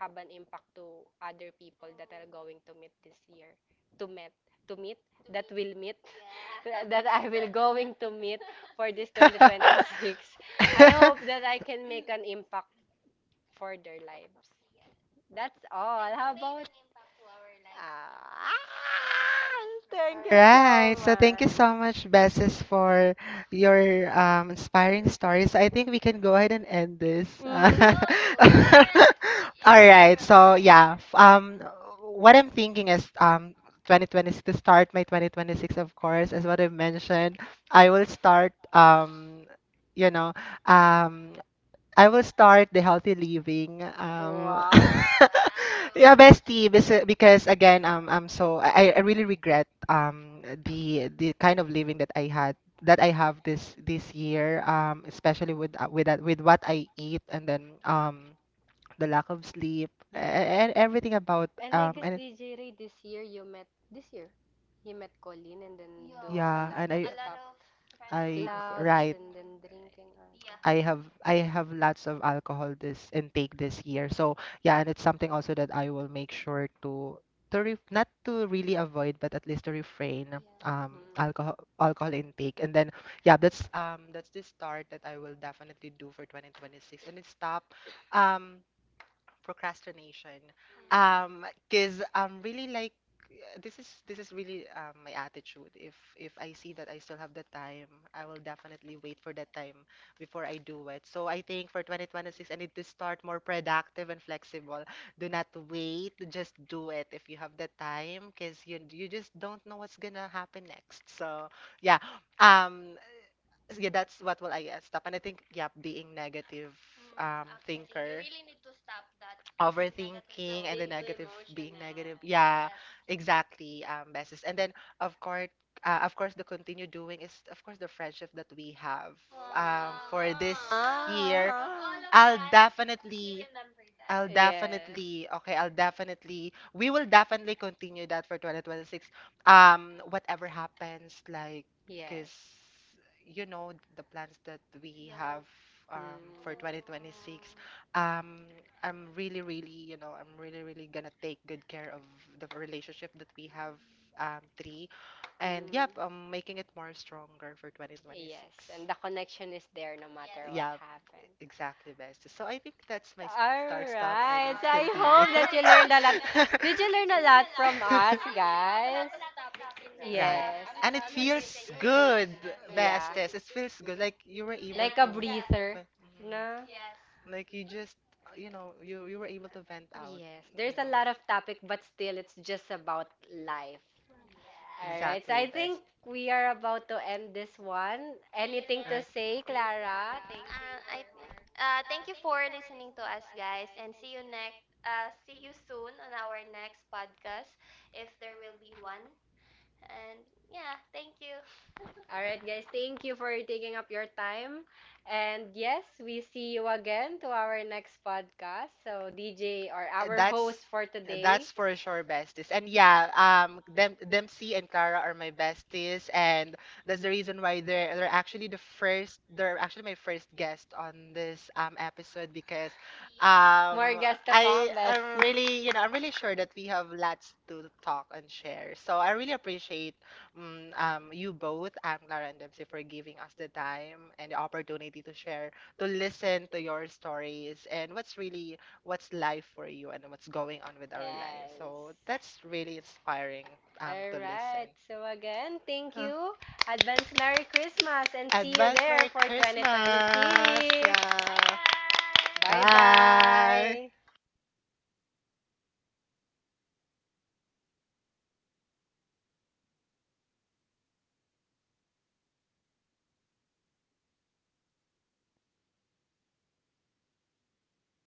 Speaker 2: have
Speaker 3: have
Speaker 2: an
Speaker 3: an
Speaker 2: impact
Speaker 3: impact to
Speaker 2: to other
Speaker 3: other
Speaker 2: people
Speaker 3: people mm.
Speaker 2: that
Speaker 3: that are
Speaker 2: are
Speaker 3: Mm.
Speaker 2: going
Speaker 3: going
Speaker 2: to
Speaker 3: to
Speaker 2: meet
Speaker 3: meet
Speaker 2: this
Speaker 3: this
Speaker 2: year
Speaker 3: year.
Speaker 2: to
Speaker 3: To
Speaker 2: meet,
Speaker 3: meet. To
Speaker 2: to meet
Speaker 3: meet? To
Speaker 2: that
Speaker 3: that meet-
Speaker 2: will
Speaker 3: will
Speaker 2: meet,
Speaker 3: meet. Yeah.
Speaker 2: that
Speaker 3: that
Speaker 2: I
Speaker 3: I
Speaker 2: will
Speaker 3: will going
Speaker 2: going
Speaker 3: to
Speaker 2: to meet
Speaker 3: meet for
Speaker 2: for this
Speaker 3: this twenty twenty-six.
Speaker 2: twenty twenty-six.
Speaker 3: I
Speaker 2: I
Speaker 3: hope
Speaker 2: hope that
Speaker 3: that
Speaker 2: I
Speaker 3: I can
Speaker 2: can
Speaker 3: make
Speaker 2: make an
Speaker 3: an
Speaker 2: impact
Speaker 3: impact for
Speaker 2: for their
Speaker 3: their lives.
Speaker 2: lives.
Speaker 3: Yes. That's
Speaker 2: That's
Speaker 3: all. And
Speaker 2: all.
Speaker 3: you How
Speaker 2: How
Speaker 3: made about-
Speaker 2: about,
Speaker 3: an impact to our lives, Mima. Thank you so much Ah, for Thank that. You Alright, so right.
Speaker 2: thank you
Speaker 1: Right.
Speaker 2: so
Speaker 3: so
Speaker 1: So
Speaker 3: thank
Speaker 1: thank you
Speaker 3: you
Speaker 2: much.
Speaker 3: much. So
Speaker 1: so
Speaker 3: much,
Speaker 1: much,
Speaker 3: Besses,
Speaker 1: Besses,
Speaker 3: for
Speaker 1: for
Speaker 3: your
Speaker 1: your
Speaker 3: um,
Speaker 1: um,
Speaker 3: inspiring
Speaker 1: inspiring
Speaker 3: stories.
Speaker 1: stories.
Speaker 3: I
Speaker 1: I
Speaker 3: think
Speaker 1: think we
Speaker 3: we can
Speaker 1: can
Speaker 3: go
Speaker 1: go
Speaker 3: ahead
Speaker 1: ahead
Speaker 3: and
Speaker 1: and
Speaker 3: end
Speaker 1: end
Speaker 3: this.
Speaker 1: this. All
Speaker 2: Mm.
Speaker 3: No, you can. You Alright,
Speaker 1: right.
Speaker 3: should right. so
Speaker 1: So
Speaker 3: yeah.
Speaker 1: yeah.
Speaker 3: provide.
Speaker 1: f-
Speaker 3: Um,
Speaker 1: Um,
Speaker 3: what
Speaker 1: what
Speaker 3: I'm
Speaker 1: I'm
Speaker 3: thinking
Speaker 1: thinking
Speaker 3: is
Speaker 1: is
Speaker 3: um,
Speaker 1: um,
Speaker 3: twenty twenty
Speaker 1: twenty twenty-six
Speaker 3: to
Speaker 1: to
Speaker 3: start
Speaker 1: start my
Speaker 3: my
Speaker 1: twenty twenty-six,
Speaker 3: twenty twenty-six, of
Speaker 1: of
Speaker 3: course,
Speaker 1: course,
Speaker 3: as
Speaker 1: as
Speaker 3: what
Speaker 1: what I've
Speaker 3: I've mentioned,
Speaker 1: mentioned.
Speaker 3: I
Speaker 1: I
Speaker 3: will
Speaker 1: will
Speaker 3: start
Speaker 1: start
Speaker 3: um,
Speaker 1: um,
Speaker 3: you
Speaker 1: you
Speaker 3: know,
Speaker 1: know,
Speaker 3: um,
Speaker 1: um, I
Speaker 3: I
Speaker 1: will
Speaker 3: will start
Speaker 1: start the
Speaker 3: the
Speaker 1: healthy
Speaker 3: healthy living.
Speaker 1: living.
Speaker 3: Yes.
Speaker 1: Um,
Speaker 3: Wow.
Speaker 2: Wow.
Speaker 1: yeah,
Speaker 3: Wow. Yeah, bestie,
Speaker 1: bestie, bes-
Speaker 3: bes- because
Speaker 1: because again,
Speaker 3: again, um,
Speaker 1: um,
Speaker 3: I'm
Speaker 1: I'm so
Speaker 3: so I,
Speaker 1: I, I
Speaker 3: I really
Speaker 1: really regret
Speaker 3: regret um
Speaker 1: um
Speaker 3: the
Speaker 1: the the
Speaker 3: the
Speaker 1: kind
Speaker 3: kind
Speaker 1: of
Speaker 3: of living
Speaker 1: living
Speaker 3: that
Speaker 1: that
Speaker 3: I
Speaker 1: I had,
Speaker 3: had that
Speaker 1: that I
Speaker 3: I have
Speaker 1: have
Speaker 3: this
Speaker 1: this
Speaker 3: this
Speaker 1: this year.
Speaker 3: year, um,
Speaker 1: Um,
Speaker 3: Mm.
Speaker 1: especially
Speaker 3: especially with
Speaker 1: with uh,
Speaker 3: uh,
Speaker 1: with
Speaker 3: with
Speaker 1: that,
Speaker 3: that
Speaker 1: with
Speaker 3: with what
Speaker 1: what
Speaker 3: I
Speaker 1: I
Speaker 3: eat
Speaker 1: eat,
Speaker 3: and
Speaker 1: and
Speaker 3: then
Speaker 1: then
Speaker 3: um
Speaker 1: um the
Speaker 3: the lack
Speaker 1: lack
Speaker 3: of
Speaker 1: of
Speaker 3: sleep
Speaker 1: sleep
Speaker 3: and, Mm.
Speaker 2: Mm.
Speaker 3: and
Speaker 1: and
Speaker 3: everything
Speaker 1: everything
Speaker 3: about
Speaker 1: about.
Speaker 3: And I
Speaker 2: And
Speaker 3: um,
Speaker 2: I
Speaker 3: like
Speaker 1: um
Speaker 3: this
Speaker 2: guess
Speaker 1: and.
Speaker 3: B J
Speaker 2: D J
Speaker 3: Ray
Speaker 2: Ray this
Speaker 3: this
Speaker 2: year
Speaker 3: year, you
Speaker 2: you
Speaker 3: met
Speaker 2: met this
Speaker 3: this
Speaker 2: year.
Speaker 3: year.
Speaker 2: He
Speaker 3: He
Speaker 2: met
Speaker 3: met
Speaker 2: Colleen
Speaker 3: Colleen
Speaker 2: and
Speaker 3: and
Speaker 2: then
Speaker 3: then
Speaker 2: do
Speaker 3: Yeah.
Speaker 2: a
Speaker 1: Yeah,
Speaker 3: yeah,
Speaker 2: lot
Speaker 3: a lot and
Speaker 1: and
Speaker 3: of A
Speaker 2: of
Speaker 3: I-
Speaker 1: I
Speaker 3: a lot
Speaker 2: stuff.
Speaker 3: of friends who I-
Speaker 1: I
Speaker 3: backstab.
Speaker 2: Clubs
Speaker 1: right.
Speaker 3: Right.
Speaker 2: and
Speaker 3: and
Speaker 2: then
Speaker 3: then
Speaker 2: drinking
Speaker 3: Right. Yeah.
Speaker 1: I
Speaker 3: I
Speaker 2: alcohol.
Speaker 3: have
Speaker 1: have I
Speaker 3: I have
Speaker 1: have
Speaker 3: lots
Speaker 1: lots
Speaker 3: of
Speaker 1: of alcohol
Speaker 3: alcohol this
Speaker 1: this
Speaker 3: intake
Speaker 1: intake
Speaker 3: this
Speaker 1: this
Speaker 3: year.
Speaker 1: year.
Speaker 3: So
Speaker 1: So yeah,
Speaker 3: yeah,
Speaker 1: and
Speaker 3: and
Speaker 1: it's
Speaker 3: it's something
Speaker 1: something also
Speaker 3: also that
Speaker 1: that
Speaker 3: I
Speaker 1: I will
Speaker 3: will make
Speaker 1: make
Speaker 3: sure
Speaker 1: sure
Speaker 3: to
Speaker 1: to
Speaker 3: to
Speaker 1: to
Speaker 3: re-
Speaker 1: re not
Speaker 3: not to
Speaker 1: to
Speaker 3: really
Speaker 1: really
Speaker 3: avoid,
Speaker 1: avoid,
Speaker 3: but
Speaker 1: but
Speaker 3: at
Speaker 1: at
Speaker 3: least
Speaker 1: least
Speaker 3: to
Speaker 1: to
Speaker 3: refrain
Speaker 1: refrain
Speaker 3: of Yes. um,
Speaker 1: um
Speaker 3: Mm.
Speaker 2: Mm.
Speaker 3: alcohol
Speaker 1: alcohol
Speaker 3: alcohol
Speaker 1: alcohol
Speaker 3: intake.
Speaker 1: intake. And
Speaker 3: And then
Speaker 1: then yeah,
Speaker 3: yeah, that's
Speaker 1: that's
Speaker 3: um
Speaker 1: um that's
Speaker 3: that's
Speaker 1: the
Speaker 3: the
Speaker 1: start
Speaker 3: start
Speaker 1: that
Speaker 3: that I
Speaker 1: I will
Speaker 3: will
Speaker 1: definitely
Speaker 3: definitely do
Speaker 1: do for
Speaker 3: for twenty twenty-six.
Speaker 1: twenty twenty-six.
Speaker 3: And
Speaker 1: And it's
Speaker 3: it's stop
Speaker 1: stop,
Speaker 3: um
Speaker 1: um
Speaker 3: procrastination.
Speaker 1: procrastination.
Speaker 3: Mm. Mm. Um,
Speaker 1: Um,
Speaker 3: cause
Speaker 1: cause
Speaker 3: I'm
Speaker 1: I'm
Speaker 3: really
Speaker 1: really like
Speaker 3: like uh, this
Speaker 1: this
Speaker 3: is
Speaker 1: is
Speaker 3: this
Speaker 1: this
Speaker 3: is
Speaker 1: is
Speaker 3: really
Speaker 1: really um,
Speaker 3: um,
Speaker 1: my
Speaker 3: my attitude.
Speaker 1: attitude.
Speaker 3: If
Speaker 1: If
Speaker 3: if
Speaker 1: if
Speaker 3: I
Speaker 1: I
Speaker 3: see
Speaker 1: see
Speaker 3: that
Speaker 1: that
Speaker 3: I
Speaker 1: I still
Speaker 3: still have
Speaker 1: have
Speaker 3: the
Speaker 1: the time,
Speaker 3: time, I
Speaker 1: I
Speaker 3: will
Speaker 1: will
Speaker 3: definitely
Speaker 1: definitely wait
Speaker 3: wait
Speaker 1: for
Speaker 3: for that
Speaker 1: that
Speaker 3: time
Speaker 1: time
Speaker 3: before
Speaker 1: before I
Speaker 3: I do
Speaker 1: do it.
Speaker 3: it. So
Speaker 1: So I
Speaker 3: I
Speaker 1: think
Speaker 3: think
Speaker 1: for
Speaker 3: for twenty twenty-six,
Speaker 1: twenty twenty-six, I
Speaker 3: I need
Speaker 1: need
Speaker 3: to
Speaker 1: to
Speaker 3: start
Speaker 1: start more
Speaker 3: more productive
Speaker 1: productive
Speaker 3: and
Speaker 1: and
Speaker 3: flexible.
Speaker 1: flexible.
Speaker 3: Do
Speaker 1: Do not
Speaker 3: not wait,
Speaker 1: wait,
Speaker 3: just
Speaker 1: just
Speaker 3: do
Speaker 1: do it
Speaker 3: it if
Speaker 1: if
Speaker 3: you
Speaker 1: you
Speaker 3: have
Speaker 1: have
Speaker 3: the
Speaker 1: the
Speaker 3: time,
Speaker 1: time,
Speaker 3: because
Speaker 1: cause
Speaker 3: you
Speaker 1: you
Speaker 3: you
Speaker 1: you just
Speaker 3: just don't
Speaker 1: don't
Speaker 3: know
Speaker 1: know what's
Speaker 3: what's gonna
Speaker 1: gonna
Speaker 3: happen
Speaker 1: happen next.
Speaker 3: next. So
Speaker 1: So yeah,
Speaker 3: yeah, um,
Speaker 1: um,
Speaker 3: yeah,
Speaker 1: yeah,
Speaker 3: that's
Speaker 1: that's
Speaker 3: what
Speaker 1: what will
Speaker 3: will I
Speaker 1: I uh,
Speaker 3: guess stop.
Speaker 1: stop.
Speaker 3: And
Speaker 1: And I
Speaker 3: I think
Speaker 1: think, yeah,
Speaker 3: yeah, being
Speaker 1: being
Speaker 3: negative,
Speaker 1: negative.
Speaker 3: Mm, um,
Speaker 1: Mm, um actually, you
Speaker 3: actually, thinker. You
Speaker 1: thinker.
Speaker 3: thinker, really
Speaker 1: Really
Speaker 3: need
Speaker 1: need
Speaker 3: to
Speaker 1: to
Speaker 3: stop that. Overthinking, negative, overthinking, Stop
Speaker 1: overthinking
Speaker 3: and
Speaker 1: and the
Speaker 3: being the too negative, being
Speaker 1: negative, being
Speaker 3: emotional. Negative.
Speaker 1: negative,
Speaker 3: Yeah,
Speaker 1: yeah,
Speaker 3: Yes. Exactly.
Speaker 1: exactly,
Speaker 3: Um,
Speaker 1: um
Speaker 3: beses.
Speaker 1: besties.
Speaker 3: And
Speaker 1: And
Speaker 3: then
Speaker 1: then
Speaker 3: of
Speaker 1: of course
Speaker 3: course,
Speaker 1: uh,
Speaker 3: uh, of
Speaker 1: of
Speaker 3: course,
Speaker 1: course the
Speaker 3: the continue
Speaker 1: continue
Speaker 3: doing
Speaker 1: doing
Speaker 3: is
Speaker 1: is,
Speaker 3: of
Speaker 1: of course,
Speaker 3: course
Speaker 1: the
Speaker 3: the friendship
Speaker 1: friendship
Speaker 3: that
Speaker 1: that we
Speaker 3: we have.
Speaker 1: have
Speaker 3: Aw.
Speaker 1: um
Speaker 3: For
Speaker 1: for this
Speaker 3: this year,
Speaker 1: year.
Speaker 3: Aww. Of
Speaker 2: Ah.
Speaker 3: all of I'll us,
Speaker 1: i'll
Speaker 3: he definitely. You
Speaker 1: definitely
Speaker 3: remember that.
Speaker 1: I'll
Speaker 3: I'll Yeah.
Speaker 2: Yes.
Speaker 3: definitely
Speaker 1: definitely, okay,
Speaker 3: okay.
Speaker 1: I'll
Speaker 3: I'll
Speaker 1: definitely,
Speaker 3: definitely.
Speaker 1: we
Speaker 3: We
Speaker 1: will
Speaker 3: will
Speaker 1: definitely
Speaker 3: definitely continue
Speaker 1: continue that
Speaker 3: that
Speaker 1: for
Speaker 3: for two thousand twenty-six.
Speaker 1: twenty twenty-six.
Speaker 3: Um,
Speaker 1: Um,
Speaker 3: whatever
Speaker 1: whatever
Speaker 3: happens,
Speaker 1: happens, like,
Speaker 3: like, Yes.
Speaker 1: because
Speaker 3: because
Speaker 2: Yes.
Speaker 3: you
Speaker 1: you
Speaker 3: know
Speaker 1: know the
Speaker 3: the plans
Speaker 1: plans
Speaker 3: that
Speaker 1: that
Speaker 3: we have
Speaker 1: we
Speaker 3: Yes.
Speaker 1: have
Speaker 3: um,
Speaker 1: um
Speaker 3: for
Speaker 1: for
Speaker 2: Mm.
Speaker 3: twenty twenty-six.
Speaker 1: twenty twenty-six.
Speaker 3: Um,
Speaker 1: Um,
Speaker 3: I'm
Speaker 1: I'm really,
Speaker 3: really, really,
Speaker 1: really,
Speaker 3: you
Speaker 1: you
Speaker 3: know,
Speaker 1: know, I'm
Speaker 3: I'm
Speaker 1: really,
Speaker 3: really, really
Speaker 1: really
Speaker 3: gonna
Speaker 1: gonna
Speaker 3: take
Speaker 1: take
Speaker 3: good
Speaker 1: good
Speaker 3: care
Speaker 1: care
Speaker 3: of
Speaker 1: of
Speaker 3: the
Speaker 1: the relationship
Speaker 3: relationship
Speaker 1: that
Speaker 3: that we
Speaker 1: we have,
Speaker 3: have, um,
Speaker 1: um, three,
Speaker 3: three, and
Speaker 1: and yep,
Speaker 3: yep, I'm
Speaker 2: Mm.
Speaker 1: I'm
Speaker 3: making
Speaker 1: making it
Speaker 3: it more
Speaker 1: more
Speaker 3: stronger
Speaker 1: stronger
Speaker 3: for
Speaker 1: for
Speaker 3: twenty twenty-six.
Speaker 1: twenty twenty-six.
Speaker 2: Yes,
Speaker 3: Yes. Twenty twenty-six. And
Speaker 2: and the
Speaker 3: the connection
Speaker 2: connection is
Speaker 3: is there
Speaker 2: there no
Speaker 3: no matter Yes.
Speaker 2: matter
Speaker 3: what
Speaker 2: what
Speaker 3: Yeah.
Speaker 1: Yeah,
Speaker 3: happens.
Speaker 2: happened.
Speaker 3: Exactly,
Speaker 1: exactly,
Speaker 3: guys.
Speaker 1: bestie. So
Speaker 3: So I
Speaker 1: I think
Speaker 3: think that's
Speaker 1: that's my
Speaker 3: my style
Speaker 1: start,
Speaker 2: All
Speaker 1: stop,
Speaker 3: stuff. Alright.
Speaker 1: and
Speaker 2: right. So I hope
Speaker 3: Alright. So,
Speaker 2: that you
Speaker 3: did you learn
Speaker 2: learned a
Speaker 3: a
Speaker 2: lot.
Speaker 3: lot?
Speaker 1: continue.
Speaker 3: Did
Speaker 2: Did
Speaker 3: you
Speaker 2: you
Speaker 3: learn
Speaker 2: learn
Speaker 3: a
Speaker 2: a
Speaker 3: lot
Speaker 2: lot
Speaker 3: from
Speaker 2: from
Speaker 3: us,
Speaker 2: us,
Speaker 3: Actually, we do have a
Speaker 2: guys?
Speaker 3: lot guys? Of topics in Right.
Speaker 1: Right.
Speaker 3: this um, Yes.
Speaker 2: Yes.
Speaker 3: And
Speaker 1: And
Speaker 3: uh, it
Speaker 1: it
Speaker 3: uh, feels
Speaker 1: feels
Speaker 3: conversation or good.
Speaker 1: good,
Speaker 3: Podcast. Best.
Speaker 2: Yeah.
Speaker 3: Yeah. Yes.
Speaker 1: besties. It
Speaker 3: It feels
Speaker 1: feels
Speaker 3: good.
Speaker 1: good. Like
Speaker 3: Like you
Speaker 1: you were
Speaker 3: were To be able
Speaker 1: able
Speaker 3: Like
Speaker 2: Like
Speaker 3: to
Speaker 2: a
Speaker 1: to,
Speaker 3: a honest, yeah. breather.
Speaker 2: breather,
Speaker 1: but-
Speaker 3: Mhm. No?
Speaker 2: no?
Speaker 3: Yes.
Speaker 1: mhm.
Speaker 3: Like
Speaker 1: like
Speaker 3: you
Speaker 1: you
Speaker 3: just,
Speaker 1: just,
Speaker 3: you
Speaker 1: you
Speaker 3: know,
Speaker 1: know,
Speaker 3: you
Speaker 1: you
Speaker 3: you
Speaker 1: you
Speaker 3: were
Speaker 1: were
Speaker 3: able
Speaker 1: able
Speaker 3: to
Speaker 1: to
Speaker 3: vent
Speaker 1: vent
Speaker 3: out.
Speaker 1: out.
Speaker 3: Yes.
Speaker 2: Yes,
Speaker 1: You
Speaker 2: there's
Speaker 3: There's
Speaker 1: know,
Speaker 2: a
Speaker 3: a
Speaker 2: lot
Speaker 3: lot of
Speaker 2: of topic,
Speaker 3: topic, but
Speaker 2: but
Speaker 3: still,
Speaker 2: still, it's
Speaker 3: it's just
Speaker 2: just about
Speaker 3: about life.
Speaker 2: life.
Speaker 3: Yeah. Right.
Speaker 2: All
Speaker 3: So Exactly, I
Speaker 2: right,
Speaker 1: exactly,
Speaker 2: so I
Speaker 3: Exactly. think
Speaker 1: bestie.
Speaker 2: think
Speaker 3: we
Speaker 2: we
Speaker 3: are
Speaker 2: are
Speaker 3: about
Speaker 2: about
Speaker 3: to
Speaker 2: to
Speaker 3: end
Speaker 2: end this
Speaker 3: this one.
Speaker 2: one.
Speaker 3: See you Anything
Speaker 2: Anything
Speaker 3: to
Speaker 2: to, mhm,
Speaker 3: next. Say,
Speaker 2: say,
Speaker 3: Clara?
Speaker 2: Clara?
Speaker 3: Thank you Uh, I for think, uh,
Speaker 2: Uh,
Speaker 1: uh,
Speaker 3: thank
Speaker 2: thank
Speaker 1: thank
Speaker 2: you
Speaker 3: you
Speaker 1: you
Speaker 3: for
Speaker 1: for
Speaker 2: for
Speaker 3: listening
Speaker 2: listening
Speaker 1: listening
Speaker 2: to
Speaker 3: to
Speaker 1: to
Speaker 2: us,
Speaker 3: us,
Speaker 1: us,
Speaker 3: guys,
Speaker 2: guys,
Speaker 1: guys,
Speaker 3: and
Speaker 1: and
Speaker 2: and
Speaker 3: see
Speaker 2: see
Speaker 1: see
Speaker 3: you
Speaker 2: you
Speaker 1: you
Speaker 3: next.
Speaker 2: next.
Speaker 1: next.
Speaker 3: Uh,
Speaker 1: Uh,
Speaker 2: Uh, see
Speaker 3: see
Speaker 1: see
Speaker 3: you
Speaker 2: you
Speaker 1: you
Speaker 3: soon
Speaker 2: soon
Speaker 1: soon
Speaker 2: on
Speaker 3: on
Speaker 1: on
Speaker 3: our
Speaker 2: our
Speaker 1: our
Speaker 3: next
Speaker 2: next
Speaker 1: next
Speaker 3: podcast,
Speaker 2: podcast,
Speaker 1: podcast,
Speaker 3: if
Speaker 2: if
Speaker 1: if
Speaker 2: there
Speaker 3: there
Speaker 1: there
Speaker 3: will
Speaker 2: will
Speaker 1: will
Speaker 3: be
Speaker 2: be
Speaker 1: be
Speaker 3: one.
Speaker 2: one.
Speaker 1: one.
Speaker 3: And
Speaker 2: And
Speaker 1: And yeah,
Speaker 3: yeah,
Speaker 2: yeah,
Speaker 3: thank
Speaker 2: thank
Speaker 1: thank
Speaker 3: you.
Speaker 1: you.
Speaker 2: you. All
Speaker 3: All
Speaker 2: right,
Speaker 3: right,
Speaker 2: guys.
Speaker 3: guys. Thank
Speaker 2: Thank
Speaker 3: you
Speaker 2: you
Speaker 3: for
Speaker 2: for
Speaker 3: taking
Speaker 2: taking up
Speaker 3: up your
Speaker 2: your
Speaker 3: time.
Speaker 2: time.
Speaker 3: And
Speaker 2: And
Speaker 3: yes,
Speaker 2: yes, we
Speaker 3: we
Speaker 2: see
Speaker 3: see you
Speaker 2: you again
Speaker 3: again
Speaker 2: to
Speaker 3: to our
Speaker 2: our
Speaker 3: next
Speaker 2: next
Speaker 3: podcast.
Speaker 2: podcast. So,
Speaker 3: So D J
Speaker 2: D J
Speaker 3: or
Speaker 2: or
Speaker 3: Uh,
Speaker 1: Uh,
Speaker 3: our
Speaker 2: our
Speaker 3: That's
Speaker 1: That's
Speaker 2: host
Speaker 3: host That's
Speaker 2: for
Speaker 3: for today.
Speaker 2: today,
Speaker 3: That's
Speaker 1: that's
Speaker 3: for
Speaker 1: for
Speaker 3: sure
Speaker 1: sure,
Speaker 3: besties.
Speaker 1: besties.
Speaker 3: And
Speaker 1: And
Speaker 3: yeah,
Speaker 1: yeah,
Speaker 3: um
Speaker 1: um
Speaker 3: Dem
Speaker 1: Dem Dempsey
Speaker 3: Dempsey and
Speaker 1: and
Speaker 3: Kara
Speaker 1: Clara
Speaker 3: are
Speaker 1: are
Speaker 3: my
Speaker 1: my
Speaker 3: besties
Speaker 1: besties, and
Speaker 3: and
Speaker 1: that's
Speaker 3: that's
Speaker 1: the
Speaker 3: the reason
Speaker 1: reason
Speaker 3: why
Speaker 1: why
Speaker 3: they're
Speaker 1: they're they're
Speaker 3: they're
Speaker 1: actually
Speaker 3: actually
Speaker 1: the
Speaker 3: the first
Speaker 1: first they're
Speaker 3: they're
Speaker 1: actually
Speaker 3: actually
Speaker 1: my
Speaker 3: my first
Speaker 1: first
Speaker 3: guest
Speaker 1: guest
Speaker 3: on
Speaker 1: on
Speaker 3: this
Speaker 1: this
Speaker 3: um
Speaker 1: um
Speaker 3: episode
Speaker 1: episode because
Speaker 3: because yeah. Um,
Speaker 1: um
Speaker 2: more
Speaker 3: More
Speaker 1: More
Speaker 2: guests
Speaker 3: guest
Speaker 2: to
Speaker 3: I
Speaker 1: I
Speaker 2: come,
Speaker 3: I'm
Speaker 1: come.
Speaker 2: best.
Speaker 3: comments.
Speaker 1: Am
Speaker 3: Really,
Speaker 1: really,
Speaker 3: you
Speaker 1: you
Speaker 3: know,
Speaker 1: know,
Speaker 3: I'm
Speaker 1: I'm really
Speaker 3: really
Speaker 1: sure
Speaker 3: sure
Speaker 1: that
Speaker 3: that we
Speaker 1: we
Speaker 3: have
Speaker 1: have
Speaker 3: lots
Speaker 1: lots
Speaker 3: to
Speaker 1: to talk
Speaker 3: talk and
Speaker 1: and share.
Speaker 3: share. So
Speaker 1: So I
Speaker 3: I really
Speaker 1: really appreciate
Speaker 3: appreciate mm,
Speaker 1: mm,
Speaker 3: um,
Speaker 1: um,
Speaker 3: you
Speaker 1: you both,
Speaker 3: both,
Speaker 1: um,
Speaker 3: Anglar
Speaker 1: Clara
Speaker 3: and
Speaker 1: and Dempsey,
Speaker 3: Dempsey, for
Speaker 1: for giving
Speaker 3: giving us
Speaker 1: us the
Speaker 3: the time
Speaker 1: time
Speaker 3: and
Speaker 1: and the
Speaker 3: the opportunity
Speaker 1: opportunity
Speaker 3: to
Speaker 1: to share,
Speaker 3: share, to
Speaker 1: to
Speaker 3: listen
Speaker 1: listen
Speaker 3: to
Speaker 1: to
Speaker 3: your
Speaker 1: your
Speaker 3: stories
Speaker 1: stories
Speaker 3: and
Speaker 1: and
Speaker 3: what's
Speaker 1: what's
Speaker 3: really
Speaker 1: really,
Speaker 3: what's
Speaker 1: what's
Speaker 3: live
Speaker 1: life
Speaker 3: for
Speaker 1: for
Speaker 3: you
Speaker 1: you
Speaker 3: and
Speaker 1: and what's
Speaker 3: what's going
Speaker 1: going on
Speaker 3: on with
Speaker 1: with
Speaker 3: our
Speaker 1: our lives.
Speaker 3: lives. So
Speaker 2: Yes.
Speaker 1: So
Speaker 3: Yes. that's
Speaker 1: that's
Speaker 3: really
Speaker 1: really
Speaker 3: inspiring
Speaker 1: inspiring,
Speaker 3: um,
Speaker 1: um,
Speaker 3: to
Speaker 2: All,
Speaker 1: to
Speaker 2: um,
Speaker 3: All listen.
Speaker 2: right.
Speaker 3: Right.
Speaker 1: listen.
Speaker 2: So
Speaker 3: So again,
Speaker 2: again, thank
Speaker 3: thank Uh,
Speaker 1: Uh,
Speaker 3: you
Speaker 2: you. Advance
Speaker 3: Advance
Speaker 2: Merry
Speaker 3: Merry
Speaker 2: Christmas
Speaker 3: Christmas and
Speaker 2: and
Speaker 3: Advance
Speaker 2: see
Speaker 3: see
Speaker 2: you
Speaker 3: you
Speaker 1: Advance
Speaker 3: there
Speaker 2: there
Speaker 1: Merry
Speaker 3: for
Speaker 2: for
Speaker 3: Merry twenty twenty-three. Christmas.
Speaker 1: Christmas!
Speaker 2: twenty twenty-six.
Speaker 3: Bye,
Speaker 1: Yeah.
Speaker 3: guys! Bye, guys!
Speaker 1: Bye.
Speaker 2: Bye-bye.
Speaker 3: Tapos na-delete ko yung ano. Uy, ano yung mas pangalan, dapat T P P H daw yung pangalan, di ba? Save mo na bestie. Saan ba si Stop? Ay, gago. Saan na to? Yun na, stop na. Oo, stop. Stop.